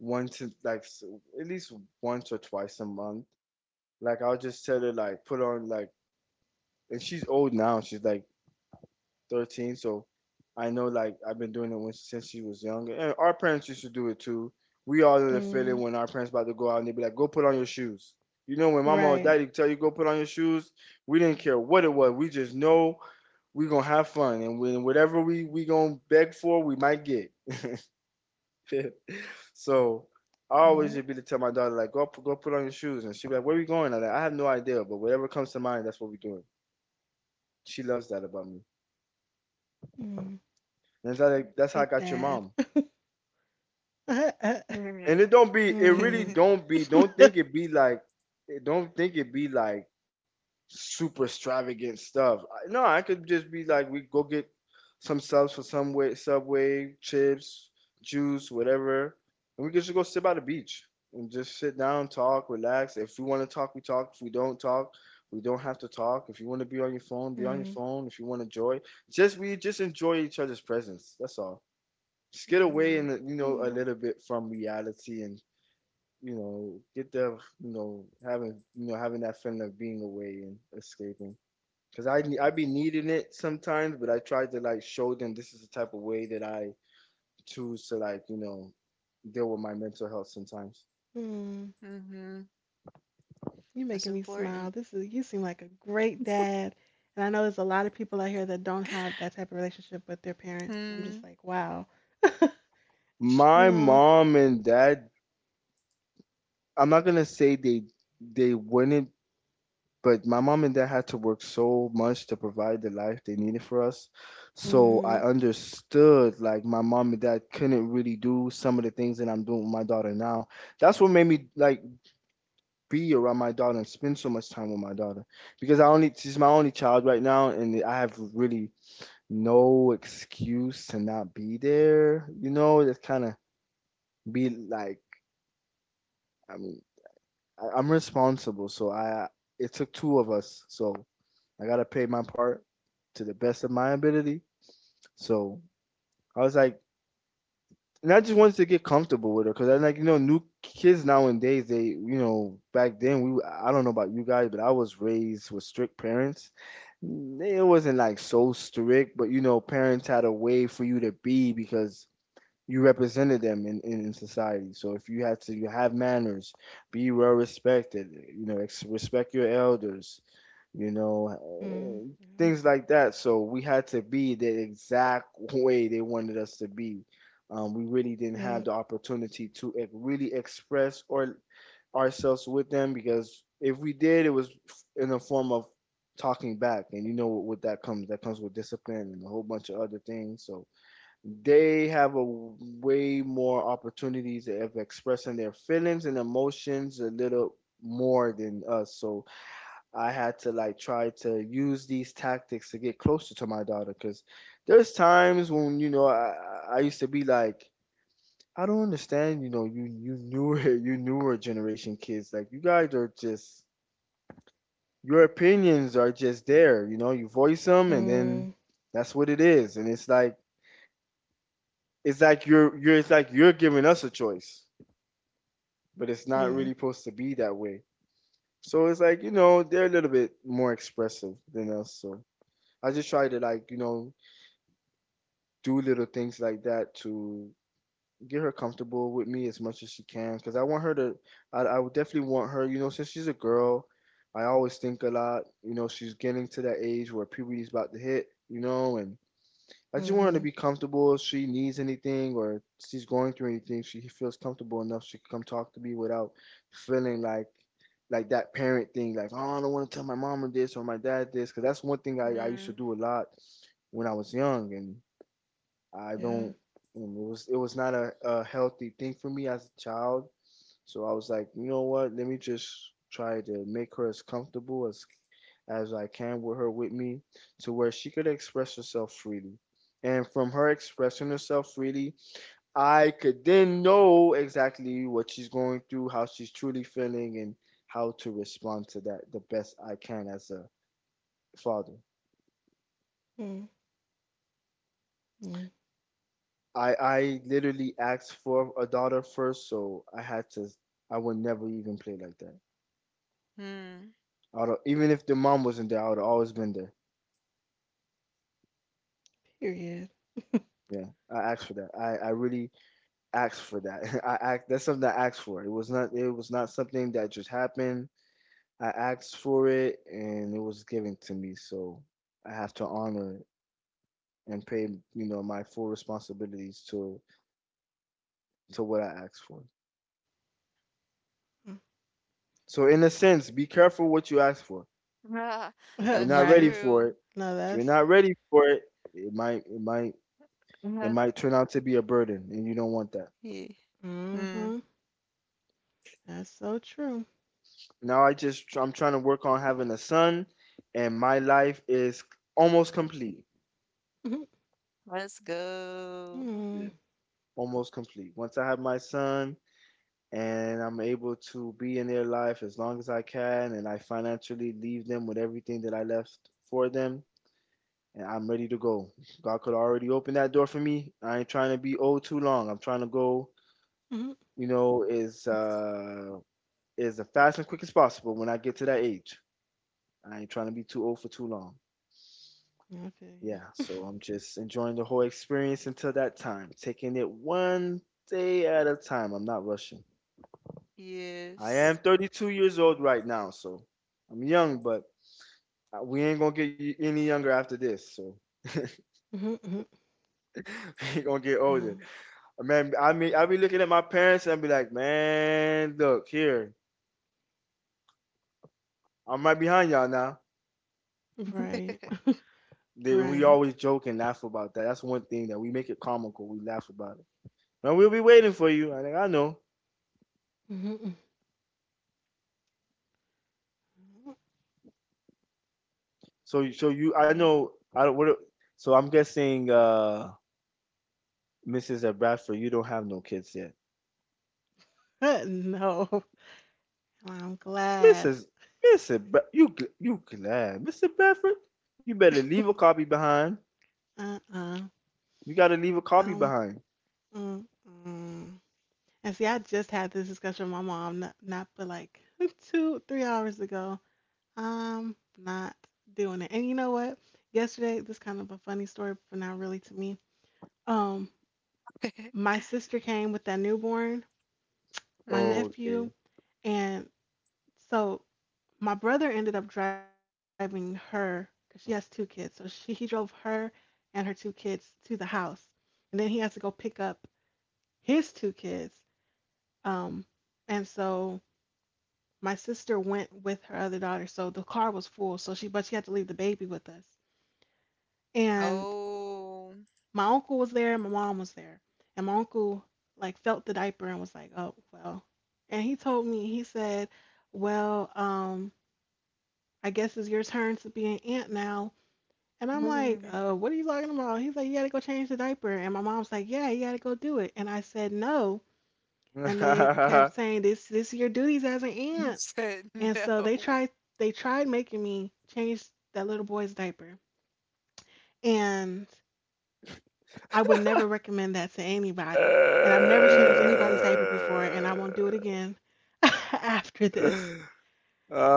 Speaker 3: once in- like s- at least once or twice a month. Like I'll just tell her like put on like, and she's old now. She's like 13. So I know, like, I've been doing it when, since she was younger, and our parents used to do it too. We all know the
Speaker 1: Mm.
Speaker 3: feeling when our parents about to go out and they be like, "Go put on your shoes." You know, when mama or
Speaker 1: Right.
Speaker 3: daddy tell you go put on your shoes, we didn't care what it was. We just know we gonna have fun, and when whatever we gonna beg for, we might get. So I always
Speaker 1: Mm.
Speaker 3: just be to tell my daughter like, "Go put on your shoes," and she be like, "Where are we going?" I'm like, I have no idea, but whatever comes to mind, that's what we doing. She loves that about me.
Speaker 1: Mm.
Speaker 3: And that's how,
Speaker 1: You're a
Speaker 3: like, that's how I
Speaker 1: good
Speaker 3: got your
Speaker 1: dad.
Speaker 3: mom. And it don't be, it really
Speaker 1: Mm.
Speaker 3: don't be, don't think it be like, it don't think it be like super extravagant stuff. I- No, I could just be like, we go get some subs for some way, Subway, chips, juice, whatever. And we could just go sit by the beach and just sit down, talk, relax. If we want to talk, we talk. If we don't talk, we don't have to talk. If you want to be on your phone, be on your
Speaker 1: Mm.
Speaker 3: phone. If you want to enjoy, just enjoy each other's presence. That's all. Just get away, and,
Speaker 2: Mhm,
Speaker 3: you know, a
Speaker 1: Mm.
Speaker 3: little bit from reality, and, you know, get the, you know, having that feeling of being away and escaping. Cause I be needing it sometimes, but I try to like show them this is the type of way that I choose to, like, you know, deal with my mental health sometimes.
Speaker 1: Mm.
Speaker 2: mhm.
Speaker 1: You
Speaker 2: That's
Speaker 1: making me
Speaker 2: important.
Speaker 1: smile. This is you seem like a great dad. And I know there's a lot of people out here that don't have that type of relationship with their parents. I'm just
Speaker 2: Mm,
Speaker 1: like, wow. You
Speaker 3: My
Speaker 1: know,
Speaker 3: mom and dad, I'm not gonna say they wouldn't, but my mom and dad had to work so much to provide the life they needed for us. So I
Speaker 1: mm-hmm.
Speaker 3: understood, like, my mom and dad couldn't really do some of the things that I'm doing with my daughter now. That's what made me like be around my daughter and spend so much time with my daughter because I only she's my only child right now and I have really no excuse to not be there. You know, just kind of be like, I mean, I'm responsible, so I it took two of us, so I gotta pay my part to the best of my ability. So I was like, and I just wanted to get comfortable with her because I like, you know, new kids nowadays, they, you know, back then we, I don't know about you guys, but I was raised with strict parents. It wasn't like so strict, but you know parents had a way for you to be because you represented them in society. So if you had to, you have manners, be well respected, you know, respect your elders, you know,
Speaker 1: Mm.
Speaker 3: uh,
Speaker 1: Yeah.
Speaker 3: things like that. So we had to be the exact way they wanted us to be. We really didn't have
Speaker 1: Yeah,
Speaker 3: the opportunity to really express or ourselves with them because if we did, it was in a form of talking back, and you know what that comes. That comes with discipline and a whole bunch of other things. So they have a way more opportunities of expressing their feelings and emotions a little more than us. So I had to like try to use these tactics to get closer to my daughter because there's times when, you know, I used to be like, I don't understand, you know, you newer you newer generation kids, like, you guys are just your opinions are just there, you know, you voice them, and
Speaker 1: mm.
Speaker 3: then that's what it is, and it's like you're it's like you're giving us a choice, but it's not
Speaker 1: Mm.
Speaker 3: really supposed to be that way. So it's like, you know, they're a little bit more expressive than us, so I just try to, like, you know, do little things like that to get her comfortable with me as much as she can, because I want her to I would definitely want her, you know, since she's a girl, I always think a lot, you know, she's getting to that age where puberty's about to hit, you know, and I just want her to
Speaker 1: Mm-hmm.
Speaker 3: be comfortable if she needs anything or she's going through anything, she feels comfortable enough she can come talk to me without feeling like that parent thing, like, oh, I don't want to tell my mom this or my dad this, because that's one thing I used to
Speaker 2: mm,
Speaker 3: do a lot when I was young, and I
Speaker 1: Yeah,
Speaker 3: don't. It was not a healthy thing for me as a child. So I was like, you know what? Let me just try to make her as comfortable as I can with her with me, to where she could express herself freely. And from her expressing herself freely, I could then know exactly what she's going through, how she's truly feeling, and how to respond to that the best I can as a father.
Speaker 1: mm. Mm,
Speaker 3: I literally asked for a daughter first, so I had to. I would never even play like that.
Speaker 2: mm.
Speaker 3: I would, even if the mom wasn't there, I would have always been there.
Speaker 1: period.
Speaker 3: Yeah, I asked for that. I really asked for that. I act. That's something I asked for. It was not. It was not something that just happened. I asked for it, and it was given to me. So I have to honor it and pay, you know, my full responsibilities to what I asked for. So in a sense, be careful what you ask for.
Speaker 2: Ah,
Speaker 3: If you're
Speaker 2: that's
Speaker 3: not ready
Speaker 1: Right?
Speaker 3: for
Speaker 2: true.
Speaker 3: it,
Speaker 1: No,
Speaker 3: if you're
Speaker 1: that's
Speaker 3: not ready for it, it might it might it
Speaker 2: Uh-huh.
Speaker 3: might turn out to be a burden, and you don't want that.
Speaker 2: Yeah. Mm,
Speaker 1: mm-hmm. That's so true.
Speaker 3: Now I'm trying to work on having a son, and my life is almost complete.
Speaker 1: Mm-hmm.
Speaker 2: let's go.
Speaker 3: Yeah.
Speaker 1: Mm-hmm.
Speaker 3: Almost complete. Once I have my son and I'm able to be in their life as long as I can and I financially leave them with everything that I left for them, and I'm ready to go. God could already open that door for me. I ain't trying to be old too long. I'm trying to go,
Speaker 1: Mm-hmm.
Speaker 3: you know, is as fast and quick as possible when I get to that age. I ain't trying to be too old for too long.
Speaker 1: I feel
Speaker 3: Yeah,
Speaker 1: you.
Speaker 3: so I'm just enjoying the whole experience until that time, taking it one day at a time. I'm not rushing. I am
Speaker 2: Yes.
Speaker 3: 32 years old right now, so I'm young, but we ain't gonna get any younger after this. So we
Speaker 1: Mm-hmm. Mm-hmm.
Speaker 3: ain't gonna get
Speaker 1: Yeah.
Speaker 3: older. Man, I mean, I be looking at my parents and be like, man, look here, I'm right behind y'all now.
Speaker 1: Right,
Speaker 3: We
Speaker 1: right.
Speaker 3: always joke and laugh about that. That's one thing that we make it comical. We laugh about it. And we'll be waiting for you. I think I know.
Speaker 1: Mm-hmm.
Speaker 3: So, so you, I
Speaker 2: Mm.
Speaker 3: know. I don't. What, so I'm guessing, Mrs. at Bradford, you don't have no kids yet.
Speaker 1: No, well, I'm glad.
Speaker 3: Mrs. Mrs. Bra- You you glad, Mr. Bradford? You better leave a copy behind.
Speaker 1: Uh-uh.
Speaker 3: You gotta leave a copy
Speaker 1: Um,
Speaker 3: behind.
Speaker 1: mm, mm. And see, I just had this discussion with my mom not but like two, 3 hours ago. I'm not doing it. And you know what? Yesterday, this kind of a funny story, but not really to me. Um, my sister came with that newborn, my
Speaker 2: Mm.
Speaker 1: nephew,
Speaker 3: Okay.
Speaker 1: and so my brother ended up driving her because she has two kids. So she he drove her and her two kids to the house, and then he has to go pick up his two kids. Um, and so my sister went with her other daughter, so the car was full. So she, but she had to leave the baby with us. And
Speaker 2: Oh.
Speaker 1: my uncle was there, and my mom was there. And my uncle like felt the diaper and was like, "Oh well." And he told me, he said, "Well, I guess it's your turn to be an aunt now." And I'm like, "What are you talking about?" He's like, "You gotta go change the diaper." And my mom's like, "Yeah, you gotta go do it." And I said, "No." And they kept saying, "This is your duties as an aunt."
Speaker 2: Said
Speaker 1: And
Speaker 2: no.
Speaker 1: so they tried making me change that little boy's diaper. And I would never recommend that to anybody. And I've never changed anybody's diaper before and I won't do it again after this.
Speaker 3: uh...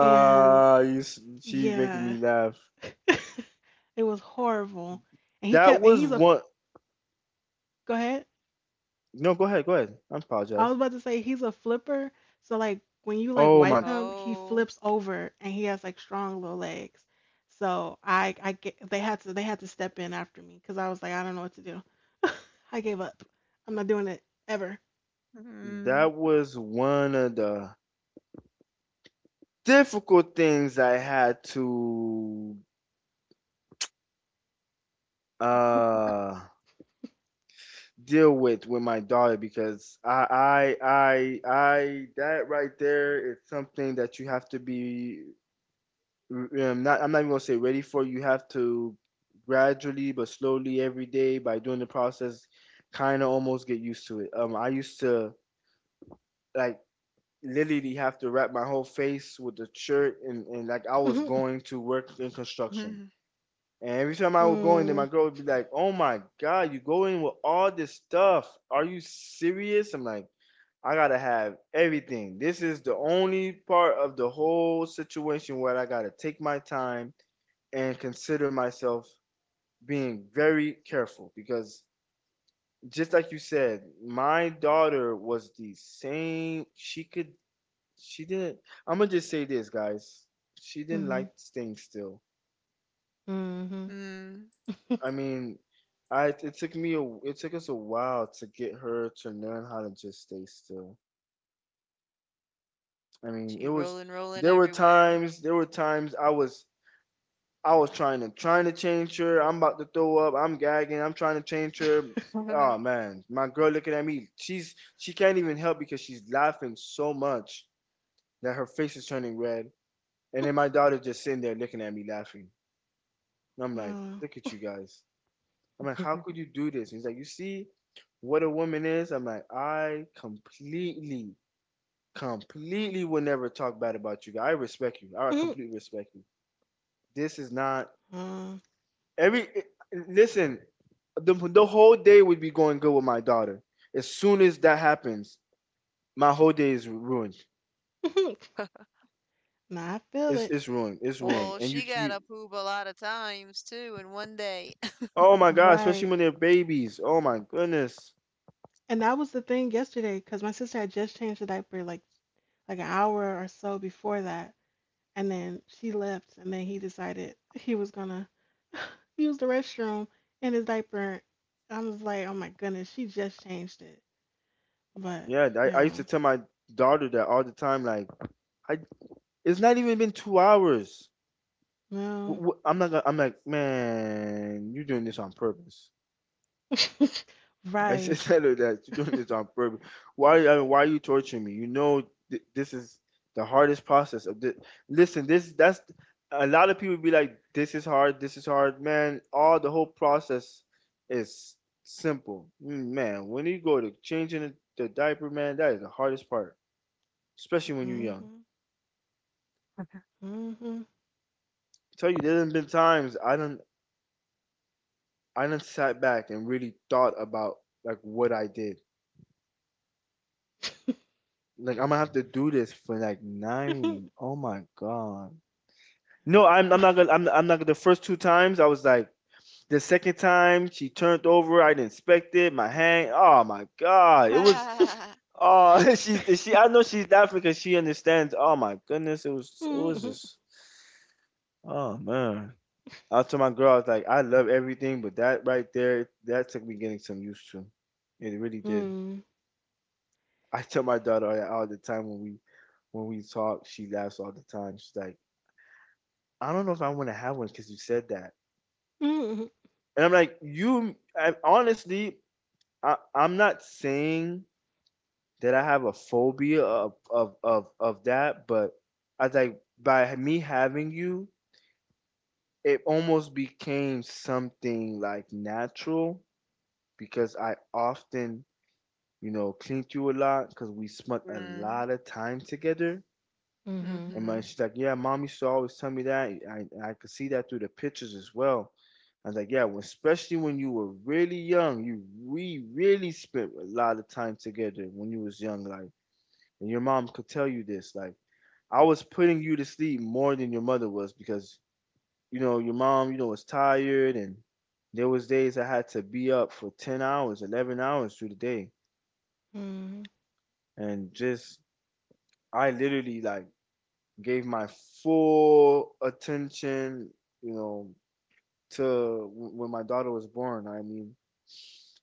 Speaker 1: And
Speaker 3: you, she's making
Speaker 1: yeah,
Speaker 3: me laugh.
Speaker 1: it was horrible. And he
Speaker 3: That
Speaker 1: kept and
Speaker 3: was
Speaker 1: he's a
Speaker 3: one.
Speaker 1: go ahead.
Speaker 3: No, go ahead. Go ahead. I
Speaker 1: I was
Speaker 3: apologize.
Speaker 1: about to say he's a flipper. So like when you like
Speaker 3: Oh
Speaker 1: wipe
Speaker 3: my,
Speaker 1: him, he
Speaker 2: Oh.
Speaker 1: flips over and he has like strong little legs. So I get, they had to step in after me because I was like I don't know what to do. I gave up. I'm not doing it ever.
Speaker 2: Mm,
Speaker 3: that was one of the difficult things I had to uh deal with my daughter because I that right there is something that you have to be not— I'm not even gonna say ready for. You have to gradually but slowly every day by doing the process, kind of almost get used to it. I used to like literally have to wrap my whole face with the shirt and like I was going to work in construction.
Speaker 2: mm,
Speaker 3: And every time I
Speaker 1: Mhm.
Speaker 3: would go in there, my
Speaker 1: Mm,
Speaker 3: girl would be like, "Oh my God, you go in with all this stuff? Are you serious?" I'm like, I gotta have everything. This is the only part of the whole situation where I gotta take my time and consider myself being very careful because just like you said, my daughter was the same. She could, she didn't. I'm gonna just say this, guys. She didn't
Speaker 1: mhm,
Speaker 3: like staying still.
Speaker 1: mhm.
Speaker 2: mm.
Speaker 3: I mean, I it took me a it took us a while to get her to learn how to just stay still. I mean, it
Speaker 2: She
Speaker 3: was—
Speaker 2: rolling, rolling everywhere.
Speaker 3: there were times I was— I was trying to change her. I'm about to throw up. I'm gagging. I'm trying to change her. Oh man, my girl looking at me. She can't even help because she's laughing so much that her face is turning red. And then my daughter just sitting there looking at me laughing. And I'm like,
Speaker 1: Oh,
Speaker 3: look at you guys. I'm like, how could you do this? And he's like, you see what a woman is? I'm like, I completely, completely will never talk bad about you guys. I respect you. I
Speaker 1: mhm,
Speaker 3: completely respect you. This is not—
Speaker 1: oh,
Speaker 3: every— listen, the whole day would be going good with my daughter. As soon as that happens, my whole day is ruined.
Speaker 1: mhm. Nah, I feel
Speaker 3: It's
Speaker 1: it.
Speaker 3: it's ruined. It's ruined.
Speaker 2: Well,
Speaker 3: And you
Speaker 2: she got
Speaker 3: you
Speaker 2: a poop a lot of times too in one day.
Speaker 3: oh my God, especially
Speaker 1: Right.
Speaker 3: when they're babies. Oh my goodness.
Speaker 1: And that was the thing yesterday because my sister had just changed the diaper like an hour or so before that. And then she left, and then he decided he was gonna use the restroom in his diaper. I was like, oh my goodness, she just changed it. But
Speaker 3: Yeah, I used to
Speaker 1: yeah,
Speaker 3: tell my daughter that all the time. Like I, it's not even been 2 hours.
Speaker 1: well,
Speaker 3: I'm not gonna— I'm like, man, you're doing this on purpose. I should
Speaker 1: right.
Speaker 3: tell her that you're doing this on purpose. Why? I mean, why are you torturing me? You know, this is the hardest process of this. Listen, this— that's— a lot of people be like, this is hard, man. All the whole process is simple, man. When you go to changing the diaper, man, that is the hardest part, especially when you're young.
Speaker 1: Mhm. Mhm.
Speaker 3: Tell you, there's been times I don't, I done sat back and really thought about like what I did. Like I'm gonna have to do this for like nine. Oh my God. No,
Speaker 1: Yup.
Speaker 3: I'm not gonna— I'm not gonna— the first two times I was like— the second time she turned over, I didn't expect it, my hand— oh my God. It was— oh she's— she— I know she's laughing because she understands. Oh my goodness, it was
Speaker 1: Mhm.
Speaker 3: just— oh man. I told my girl I was like, I love everything, but that right there, that took me getting some used to. It really did. I tell my daughter all the time when we talk, she laughs all the time. She's like, I don't know if I want to have one because you said that.
Speaker 1: Mhm.
Speaker 3: And I'm like, you, I, honestly, I, I'm not saying that I have a phobia of, that, but I was like, by me having you, it almost became something like natural because I often, you know, cleaned you a lot because we spent a
Speaker 2: Mm,
Speaker 3: lot of time together.
Speaker 1: Mhm.
Speaker 3: And my—
Speaker 2: mm-hmm,
Speaker 3: she's like, yeah, mom used to always tell me that. I could see that through the pictures as well. I was like, yeah, well, especially when you were really young, you— we really spent a lot of time together when you was young, like, and your mom could tell you this, like, I was putting you to sleep more than your mother was because you know your mom, you know, was tired, and there was days I had to be up for 10 hours, 11 hours through the day,
Speaker 1: Mhm.
Speaker 3: and just I literally like gave my full attention, you know, to— when my daughter was born. I mean,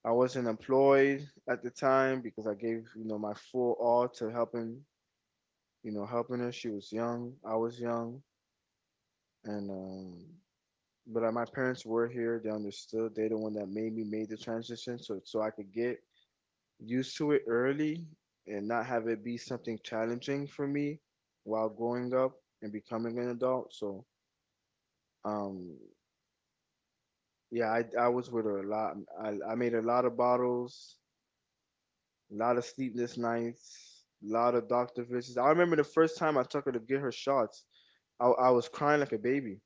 Speaker 3: I wasn't employed at the time because I gave, you know, my full all to helping, you know, helping her. She was young, I was young, and but my parents were here. They understood. They're the one that made the transition, so I could get used to it early and not have it be something challenging for me while growing up and becoming an adult. So um, yeah, I was with her a lot. I made a lot of bottles, a lot of sleepless nights, a lot of doctor visits. I remember the first time I took her to get her shots. I was crying like a baby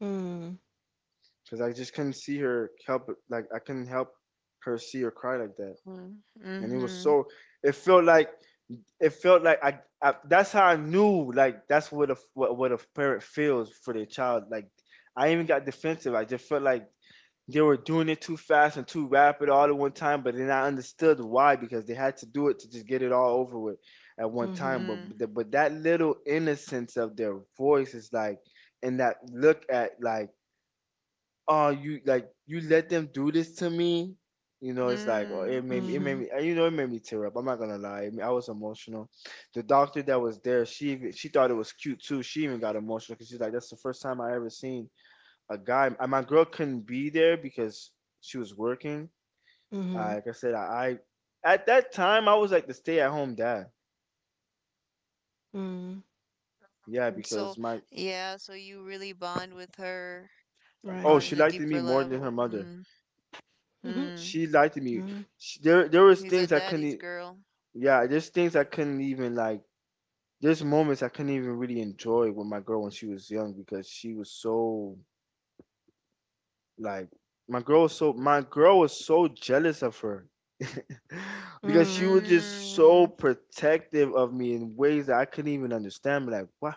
Speaker 1: Mhm. Mhm.
Speaker 3: because I just couldn't see her help. Like I couldn't help her— see her cry like that,
Speaker 2: mm,
Speaker 3: and it was
Speaker 2: mm-hmm,
Speaker 3: so. It felt like— I. I— that's how I knew. Like that's what a— what a parent feels for their child. Like I even got defensive. I just felt like they were doing it too fast and too rapid all at one time, but then I understood why because they had to do it to just get it all over with at one time.
Speaker 1: Mhm.
Speaker 2: mm,
Speaker 3: But, that little innocence of their voice is like, and that look at like, oh, you— like you let them do this to me. You know, it's like— oh, it
Speaker 2: mm.
Speaker 3: made me, you know, it made me tear up. I'm not gonna lie, I mean, I was emotional. The doctor that was there, she even— she thought it was cute too. She even got emotional because she's like, that's the first time I ever seen a guy. My girl couldn't be there because she was working.
Speaker 1: Mhm. Mhm.
Speaker 3: Like I said, I at that time I was like the stay-at-home dad.
Speaker 1: Mhm.
Speaker 3: Yeah,
Speaker 2: And
Speaker 3: because
Speaker 2: so,
Speaker 3: my—
Speaker 2: yeah, so you really bond with her
Speaker 3: oh,
Speaker 1: Right.
Speaker 2: on
Speaker 3: she
Speaker 2: a
Speaker 3: liked me
Speaker 2: deeper
Speaker 3: more than her
Speaker 2: level.
Speaker 3: mother.
Speaker 2: Mm,
Speaker 1: Mhm.
Speaker 2: mm.
Speaker 3: She liked me.
Speaker 1: Mhm.
Speaker 3: She— there was
Speaker 2: He's a
Speaker 3: things I couldn't.
Speaker 2: daddy's
Speaker 3: E—
Speaker 2: girl.
Speaker 3: yeah, there's things I couldn't even like. There's moments I couldn't even really enjoy with my girl when she was young because she was so— like my girl was so jealous of her because she
Speaker 1: Mhm.
Speaker 3: was just so
Speaker 2: Mm,
Speaker 3: protective of me in ways that I couldn't even understand. Like what—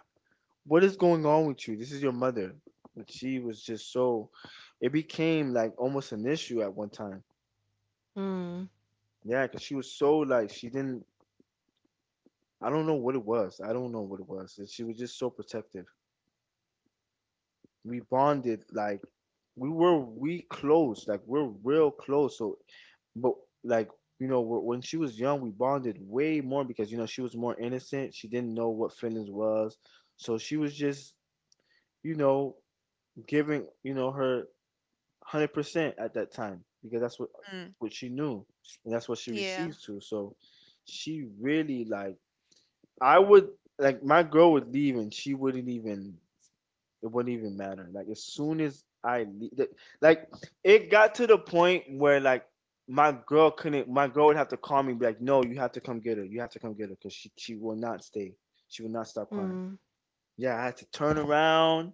Speaker 3: what is going on with you? This is your mother. But she was just so— it became like almost an issue at one time. Yeah, because she was so— like she didn't. I don't know what it was. And she was just so protective. We bonded like— we close, like we're real close. So but like you know when she was young we bonded way more because you know she was more innocent, she didn't know what feelings was, so she was just, you know, giving, you know, her 100% at that time because that's what
Speaker 2: mm.
Speaker 3: she knew and that's what she
Speaker 2: Yeah.
Speaker 3: received to. So she really like— I would like my girl would leave and she wouldn't even— it wouldn't even matter. Like as soon as I le- like it got to the point where like my girl couldn't my girl would have to call me and be like, no, you have to come get her. You have to come get her because she will not stay. She will not stop crying.
Speaker 1: Mhm.
Speaker 3: Yeah, I had to turn around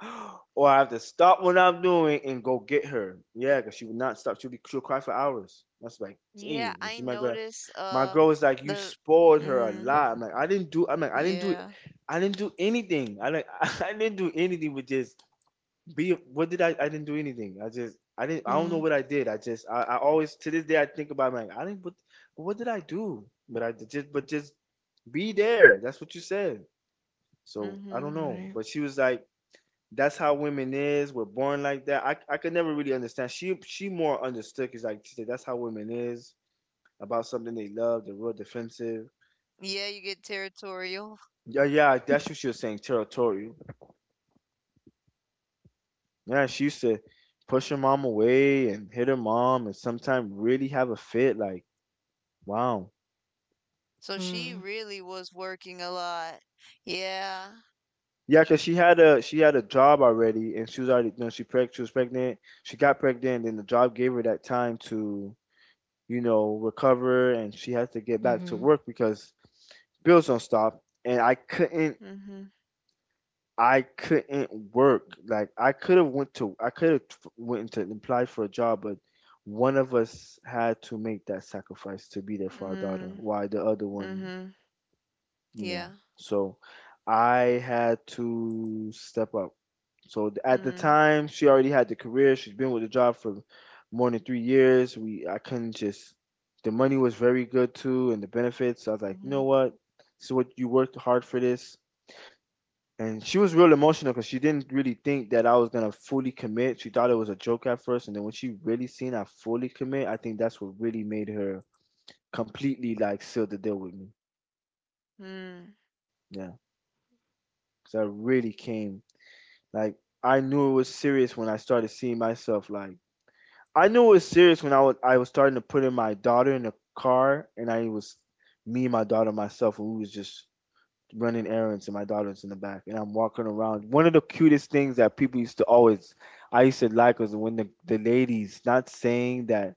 Speaker 3: or I have to stop what I'm doing and go get her. Yeah, because she would not stop. She'll cry for hours. That's like,
Speaker 2: Yeah,
Speaker 3: geez. You
Speaker 2: I
Speaker 3: see my girl.
Speaker 2: notice,
Speaker 3: My girl was like, you
Speaker 2: the
Speaker 3: spoiled her a
Speaker 2: mm,
Speaker 3: lot. I'm like, I'm like,
Speaker 2: yeah.
Speaker 3: I didn't do anything. I like I didn't do anything with this— be— what did I— I didn't do anything. I just— I didn't— I don't know
Speaker 1: Mhm.
Speaker 3: what I did. I just— I always to this day I think about it, like I didn't— what— but what did I do? But I did just— but just be there. That's what you said. So I don't
Speaker 2: Mm-hmm.
Speaker 3: know.
Speaker 1: Right.
Speaker 3: But she was like, that's how women is. We're born like that. I could never really understand. She— she more understood because like she said that's how women is about something they love. They're real defensive.
Speaker 2: Yeah, you get territorial.
Speaker 3: Yeah, yeah, that's what she was saying. Territorial. Yeah, she used to push her mom away and hit her mom and sometimes really have a fit. Like, wow.
Speaker 2: So she
Speaker 1: Mm,
Speaker 2: really was working a lot. Yeah.
Speaker 3: Yeah, 'cause she had a job already, and she was already no, she was pregnant. She got pregnant and the job gave her that time to, recover, and she has to get back to
Speaker 1: mhm.
Speaker 3: work because bills don't stop. And I couldn't
Speaker 2: Mm-hmm.
Speaker 3: I couldn't work. Like I could have went to apply for a job, but one of us had to make that sacrifice to be there for our daughter.
Speaker 2: Mm-hmm.
Speaker 3: Why the other one,
Speaker 2: Mm-hmm.
Speaker 3: you
Speaker 2: Yeah.
Speaker 3: know. So I had to step up. So at the
Speaker 2: Mm.
Speaker 3: time, she already had the career. She's been with the job for more than 3 years. We I couldn't just. The money was very good too, and the benefits. I was like, you
Speaker 2: Mm-hmm.
Speaker 3: know what? This is what you worked hard for this, and she was real emotional because she didn't really think that I was gonna fully commit. She thought it was a joke at first, and then when she really seen I fully commit, I think that's what really made her completely like seal the deal with me.
Speaker 2: Mm.
Speaker 3: Yeah, because I really came like I knew it was serious when I started seeing myself like I knew it was serious when I was starting to put in my daughter in the car, and I was me and my daughter myself, and we was just running errands and my daughter's in the back and I'm walking around. One of the cutest things that people used to always I used to like was when the ladies, not saying that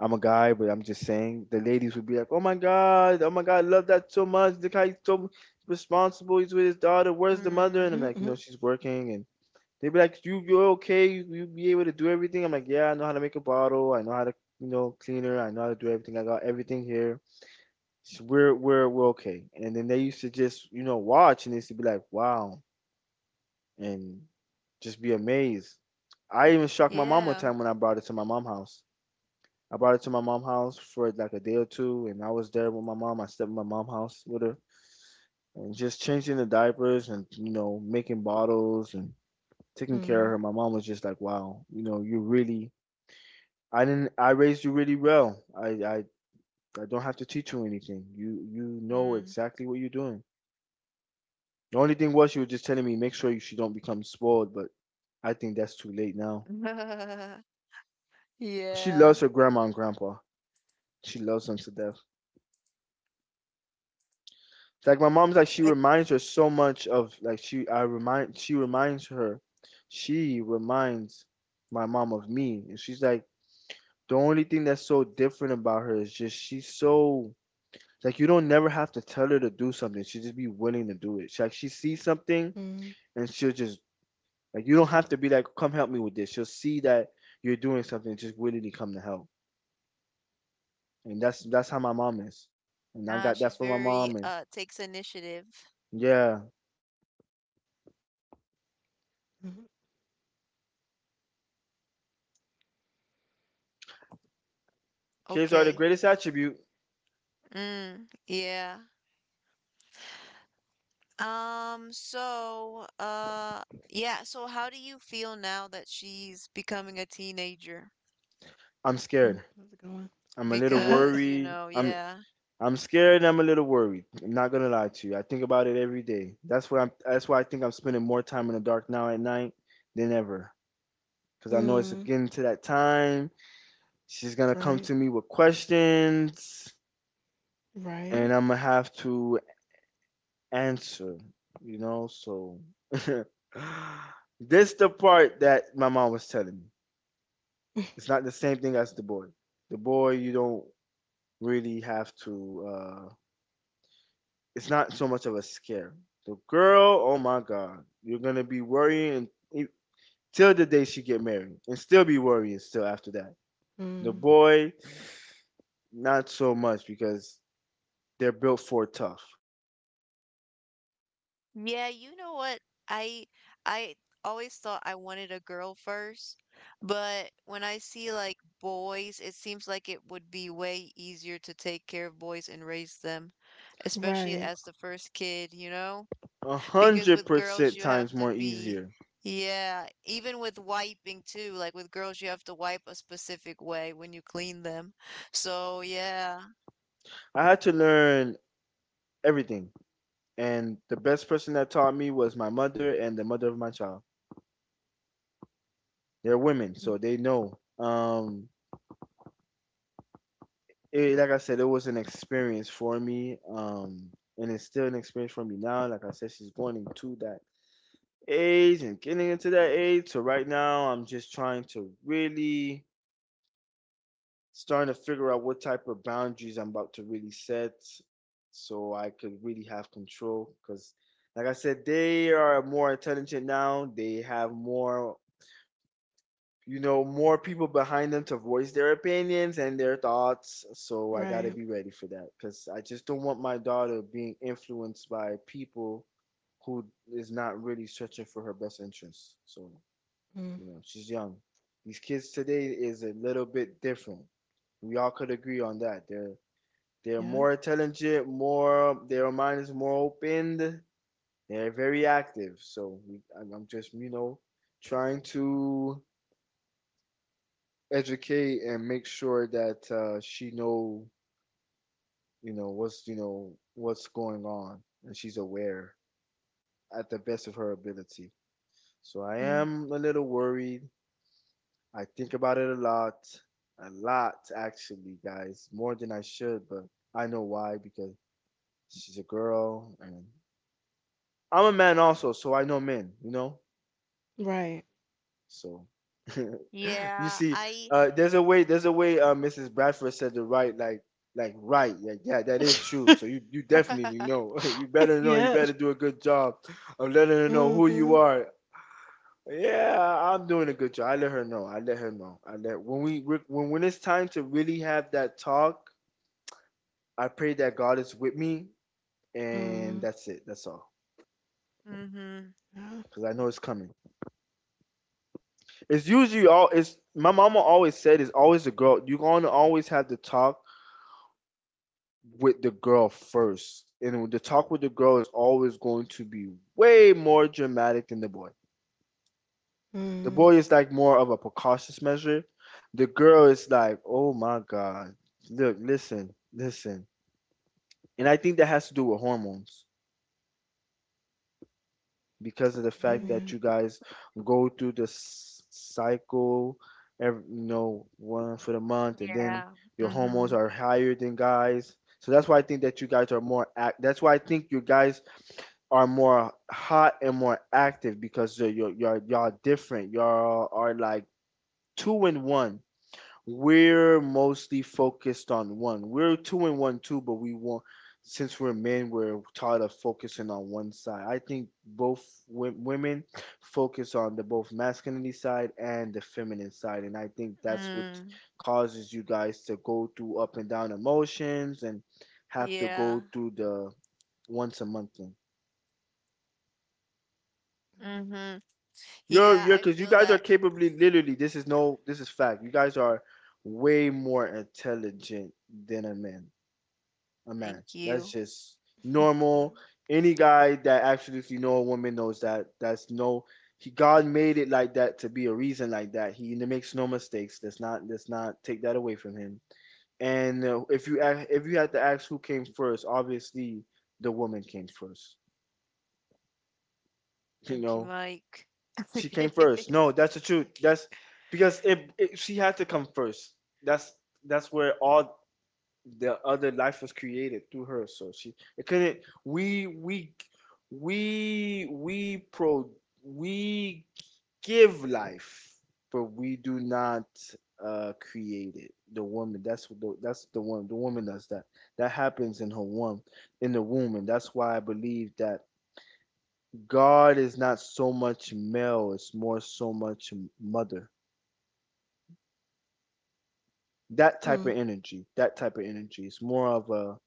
Speaker 3: I'm a guy, but I'm just saying the ladies would be like, "Oh my God, oh my God, I love that so much. The guy's so responsible, he's with his daughter, where's the mother?" And I'm
Speaker 2: Mm.
Speaker 1: Mm,
Speaker 3: like,
Speaker 1: mm,
Speaker 3: she's working, and they'd be like, You're okay, you be able to do everything. I'm like, yeah, I know how to make a bottle, I know how to clean her, I know how to do everything, I got everything here. So we're okay. And then they used to just, watch, and they used to be like, wow, and just be amazed. I even shocked my mom one
Speaker 2: Yeah.
Speaker 3: time when I brought it to my mom's house. I brought it to my mom's house for like a day or two, and I was there with my mom. I stepped in my mom's house with her, and just changing the diapers and making bottles and taking care of
Speaker 1: mm,
Speaker 3: her. My mom was just like, "Wow, you really, I didn't, I raised you really well. I don't have to teach you anything. You know
Speaker 2: Mm.
Speaker 3: exactly what you're doing." The only thing was she was just telling me make sure she don't become spoiled, but I think that's too late now. She
Speaker 2: Yeah.
Speaker 3: loves her grandma and grandpa. She loves them to death. It's like my mom's like she
Speaker 2: It,
Speaker 3: reminds her so much of like she reminds my mom of me. And she's like the only thing that's so different about her is just she's so like you don't never have to tell her to do something. She just be willing to do it. Like she sees something,
Speaker 1: mm,
Speaker 3: and she'll just like you don't have to be like, come help me with this. She'll see that you're doing something, just willingly come to help. And that's how my mom is. And I got
Speaker 2: she's
Speaker 3: that from my
Speaker 2: very
Speaker 3: mom. And
Speaker 2: takes initiative.
Speaker 3: yeah,
Speaker 1: mm,
Speaker 3: kids are the
Speaker 2: Okay.
Speaker 3: greatest attribute.
Speaker 2: Mm. Yeah. So, yeah, so how do you feel now that she's becoming a teenager?
Speaker 3: I'm scared.
Speaker 1: mm. That's a good
Speaker 3: I'm a little
Speaker 1: one.
Speaker 2: Because,
Speaker 3: worried. I'm
Speaker 2: yeah.
Speaker 3: I'm scared. And I'm a little worried. I'm not gonna lie to you. I think about it every day. That's why I think I'm spending more time in the dark now at night than ever. Cause I know it's
Speaker 1: Mm,
Speaker 3: getting to that time. She's gonna come
Speaker 1: right,
Speaker 3: to me with questions, and
Speaker 1: right.
Speaker 3: I'm gonna have to answer, you know? So this the part that my mom was telling me. It's not the same thing as the boy. The boy you don't really have to it's not so much of a scare. The girl, oh my God, you're gonna be worrying e- till the day she get married, and still be worrying still after that. The
Speaker 1: Mm,
Speaker 3: boy, not so much because they're built for tough.
Speaker 2: Yeah, you know what? I I always thought I wanted a girl first, but when I see like boys, it seems like it would be way easier to take care of boys and raise them, especially
Speaker 1: right,
Speaker 2: as the first kid, you know?
Speaker 3: A
Speaker 2: Because
Speaker 3: hundred
Speaker 2: with girls
Speaker 3: percent
Speaker 2: you have
Speaker 3: times
Speaker 2: to
Speaker 3: more
Speaker 2: be
Speaker 3: easier.
Speaker 2: Yeah, even with wiping too, like with girls you have to wipe a specific way when you clean them. So, yeah.
Speaker 3: I had to learn everything. And the best person that taught me was my mother and the mother of my child. They're women, so
Speaker 1: mm,
Speaker 3: they know. It, like I said, it was an experience for me. And it's still an experience for me now. Like I said, she's going into that age and getting into that age. So right now, I'm just trying to really starting to figure out what type of boundaries I'm about to really set, so I could really have control. Because, like I said, they are more intelligent now. They have more people behind them to voice their opinions and their thoughts. So I got to
Speaker 1: right.
Speaker 3: be ready for that because I just don't want my daughter being influenced by people who is not really searching for her best interests. So,
Speaker 1: Mm,
Speaker 3: you know, she's young. These kids today is a little bit different. We all could agree on that. They're more
Speaker 1: yep.
Speaker 3: intelligent, more their mind is more opened. They're very active. So I'm just trying to educate and make sure that she know what's going on, and she's aware at the best of her ability. So I
Speaker 1: Mm,
Speaker 3: am a little worried. I think about it a lot, a lot, actually, guys, more than I should, but I know why, because she's a girl, and I'm a man also, so I know men, you know.
Speaker 1: right.
Speaker 3: So you
Speaker 2: Yeah,
Speaker 3: see,
Speaker 2: I
Speaker 3: there's a way. There's a way. Mrs. Bradford said the right, like, right. Yeah, yeah, that is true. So you definitely know. You better know. You
Speaker 1: Yep.
Speaker 3: better do a good job of letting her know who
Speaker 1: Mm-hmm.
Speaker 3: you are. Yeah, I'm doing a good job. I let her know. I let her know. I let When it's time to really have that talk, I pray that God is with me, and
Speaker 1: Mm,
Speaker 3: that's it. That's all.
Speaker 2: Mm-hmm.
Speaker 1: yeah.
Speaker 3: Cause I know it's coming. It's usually all. It's my mama always said. It's always a girl. You're gonna always have the talk with the girl first. And the talk with the girl is always going to be way more dramatic than the boy. The
Speaker 1: Mm,
Speaker 3: boy is like more of a precautious measure. The girl is like, oh my God, look, listen, listen. And I think that has to do with hormones because of the fact
Speaker 1: maybe.
Speaker 3: that
Speaker 1: Yeah.
Speaker 3: you guys go through this cycle every, one for the month, and then
Speaker 2: Yeah.
Speaker 3: your hormones
Speaker 2: Mhm.
Speaker 3: are higher than guys. So that's why I think that you guys are more act. That's why I think you guys are more hot and more active because y'all different. Y'all are like two and one. We're mostly focused on one. We're two and one too, but we want since we're men, we're tired of focusing on one side. I think both women focus on the both masculinity side and the feminine side, and I think that's what
Speaker 2: Mm.
Speaker 3: causes you guys to go through up and down emotions and have to
Speaker 2: Yeah.
Speaker 3: go through the once a month thing.
Speaker 2: Mhm. Yeah,
Speaker 3: You're
Speaker 2: I
Speaker 3: you're
Speaker 2: feel
Speaker 3: because you
Speaker 2: that.
Speaker 3: guys are capably literally this is no this is fact. You guys are way more intelligent than a man. A man.
Speaker 2: Thank
Speaker 3: That's
Speaker 2: you.
Speaker 3: just normal. Any guy that absolutely know a woman knows that. That's no He God made it like that to be a reason like that. He makes no mistakes. Let's not take that away from him. And if you had to ask who came first, obviously the woman came first. You
Speaker 2: Thank you,
Speaker 3: know,
Speaker 2: Mike.
Speaker 3: she came first. No, that's the truth. That's because if she had to come first, that's that's where all the other life was created through her. So she it couldn't. We we pro we give life, but we do not create it. The woman. That's the one. The woman does that. That happens in her womb, in the womb, and that's why I believe that God is not so much male, it's more so much mother. That type
Speaker 1: Hmm.
Speaker 3: of energy, that type of energy. It's more of a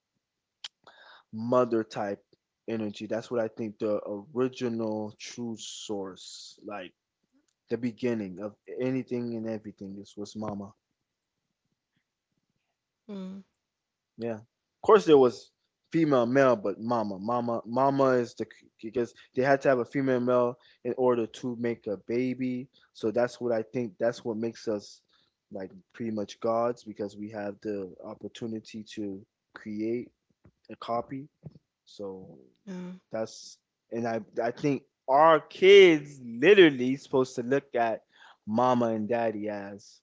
Speaker 3: mother type energy. That's what I think the original true source, like the beginning of anything and everything, is was mama.
Speaker 1: Hmm.
Speaker 3: Yeah. Of course, there was female, male, but mama is the because they had to have a female, male in order to make a baby. So that's what I think. That's what makes us like pretty much gods because we have the opportunity to create a copy. So
Speaker 1: Yeah.
Speaker 3: that's and I think our kids literally supposed to look at mama and daddy as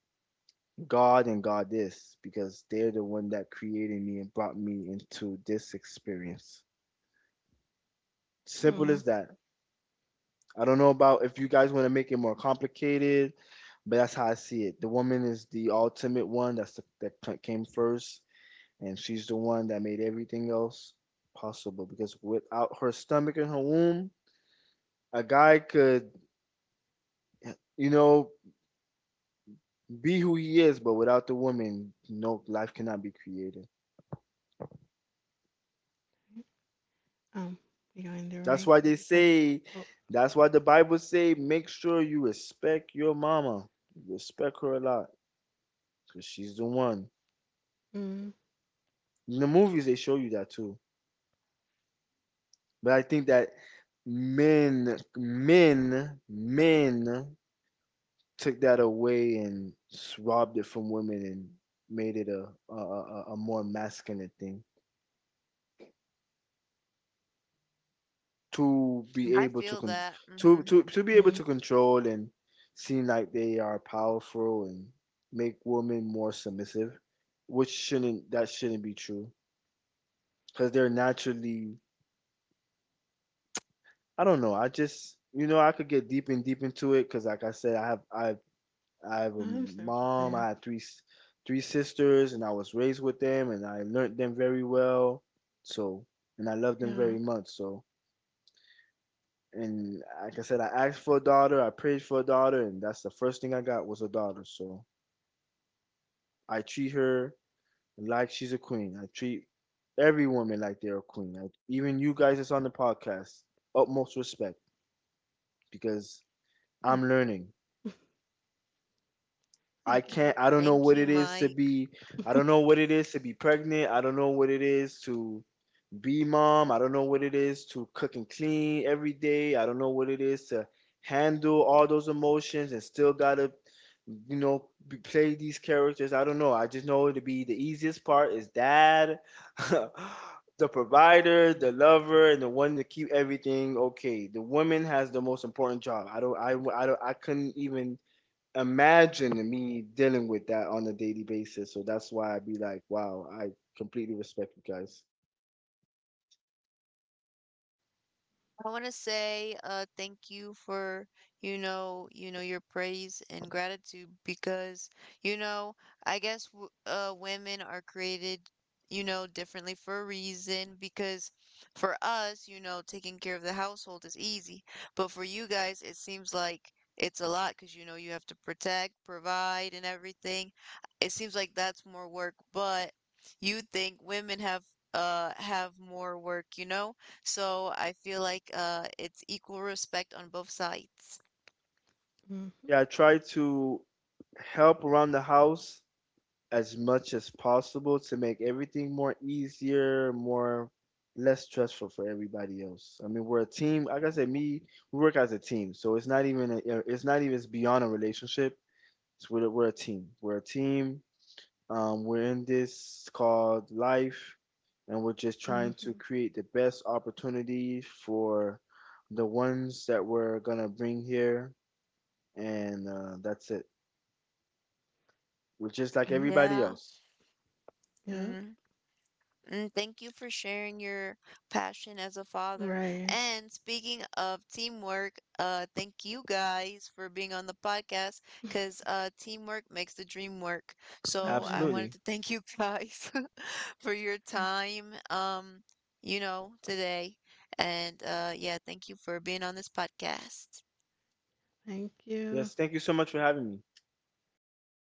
Speaker 3: God and God this because they're the one that created me and brought me into this experience. Simple
Speaker 1: Hmm.
Speaker 3: as that. I don't know about if you guys want to make it more complicated, but that's how I see it. The woman is the ultimate one. That's that came first, and she's the one that made everything else possible. Because without her stomach and her womb, a guy could, you know, be who he is, but without the woman, no life cannot be created.
Speaker 1: Um, we gonna end it right
Speaker 3: That's why they
Speaker 1: here because it's.
Speaker 3: say,
Speaker 1: Oh,
Speaker 3: that's why the Bible say, make sure you respect your mama. Respect her a lot because she's the one.
Speaker 1: mm,
Speaker 3: In the movies, they show you that too. But I think that men took that away and robbed it from women and made it a more masculine thing to
Speaker 1: mm,
Speaker 3: be
Speaker 2: I
Speaker 3: able to
Speaker 2: feel
Speaker 3: con-
Speaker 2: that.
Speaker 3: to
Speaker 2: Mhm.
Speaker 3: to to be able
Speaker 1: mm.
Speaker 3: to control and seem like they are powerful and make women more submissive, which shouldn't that shouldn't be true because they're naturally. I don't know. I just I could get deep and deep into it because like I said, I have
Speaker 1: I
Speaker 3: a
Speaker 1: understand what you're
Speaker 3: mom.
Speaker 1: saying.
Speaker 3: I had three sisters, and I was raised with them, and I learned them very well. So, and I love them
Speaker 1: Yeah.
Speaker 3: very much. So, and like I said, I asked for a daughter, I prayed for a daughter, and that's the first thing I got was a daughter. So I treat her like she's a queen. I treat every woman like they're a queen. Like even you guys that's on the podcast, utmost respect because
Speaker 1: Here you go.
Speaker 3: I'm learning. I
Speaker 1: Thank you. Thank
Speaker 3: can't. I
Speaker 1: you.
Speaker 3: don't know
Speaker 2: Thank
Speaker 3: what
Speaker 2: you,
Speaker 3: it is to
Speaker 2: Mike.
Speaker 3: be. I don't know what it is to be pregnant. I don't know what it is to be mom. I don't know what it is to cook and clean every day. I don't know what it is to handle all those emotions and still gotta, be, play these characters. I don't know. I just know it'll be the easiest part is dad, the provider, the lover, and the one to keep everything okay. The woman has the most important job. I don't. I. I don't. I couldn't even imagine me dealing with that on a daily basis. So that's why I'd be like, wow, I completely respect you guys.
Speaker 2: I want to say thank you for your praise and gratitude, because you know I guess w women are created, differently for a reason, because for us, taking care of the household is easy, but for you guys it seems like it's a lot because you have to protect, provide, and everything. It seems like that's more work, but you think women have more work, you know, so I feel like it's equal respect on both sides.
Speaker 1: Hmm.
Speaker 3: Yeah, I try to help around the house as much as possible to make everything more easier, more less stressful for everybody else. I mean, we're a team. Like I said, me, we work as a team. So it's not even it's beyond a relationship. It's we're a team. We're a team. We're in this called life, and we're just trying
Speaker 1: Mm-hmm.
Speaker 3: to create the best opportunity for the ones that we're gonna bring here, and that's it. We're just like
Speaker 1: Yep.
Speaker 3: everybody
Speaker 2: Yeah.
Speaker 3: else.
Speaker 1: Yep.
Speaker 2: Mm. Mm, thank you for sharing your passion as a father.
Speaker 1: Right.
Speaker 2: And speaking of teamwork, thank you guys for being on the podcast because teamwork makes the dream work.
Speaker 1: It
Speaker 2: So I
Speaker 1: does.
Speaker 2: wanted
Speaker 3: Absolutely.
Speaker 2: to thank you guys for your time, today. And yeah, thank you for being on this podcast.
Speaker 1: Thank you.
Speaker 3: Yes, thank you so much for
Speaker 1: All
Speaker 3: having me.
Speaker 1: right.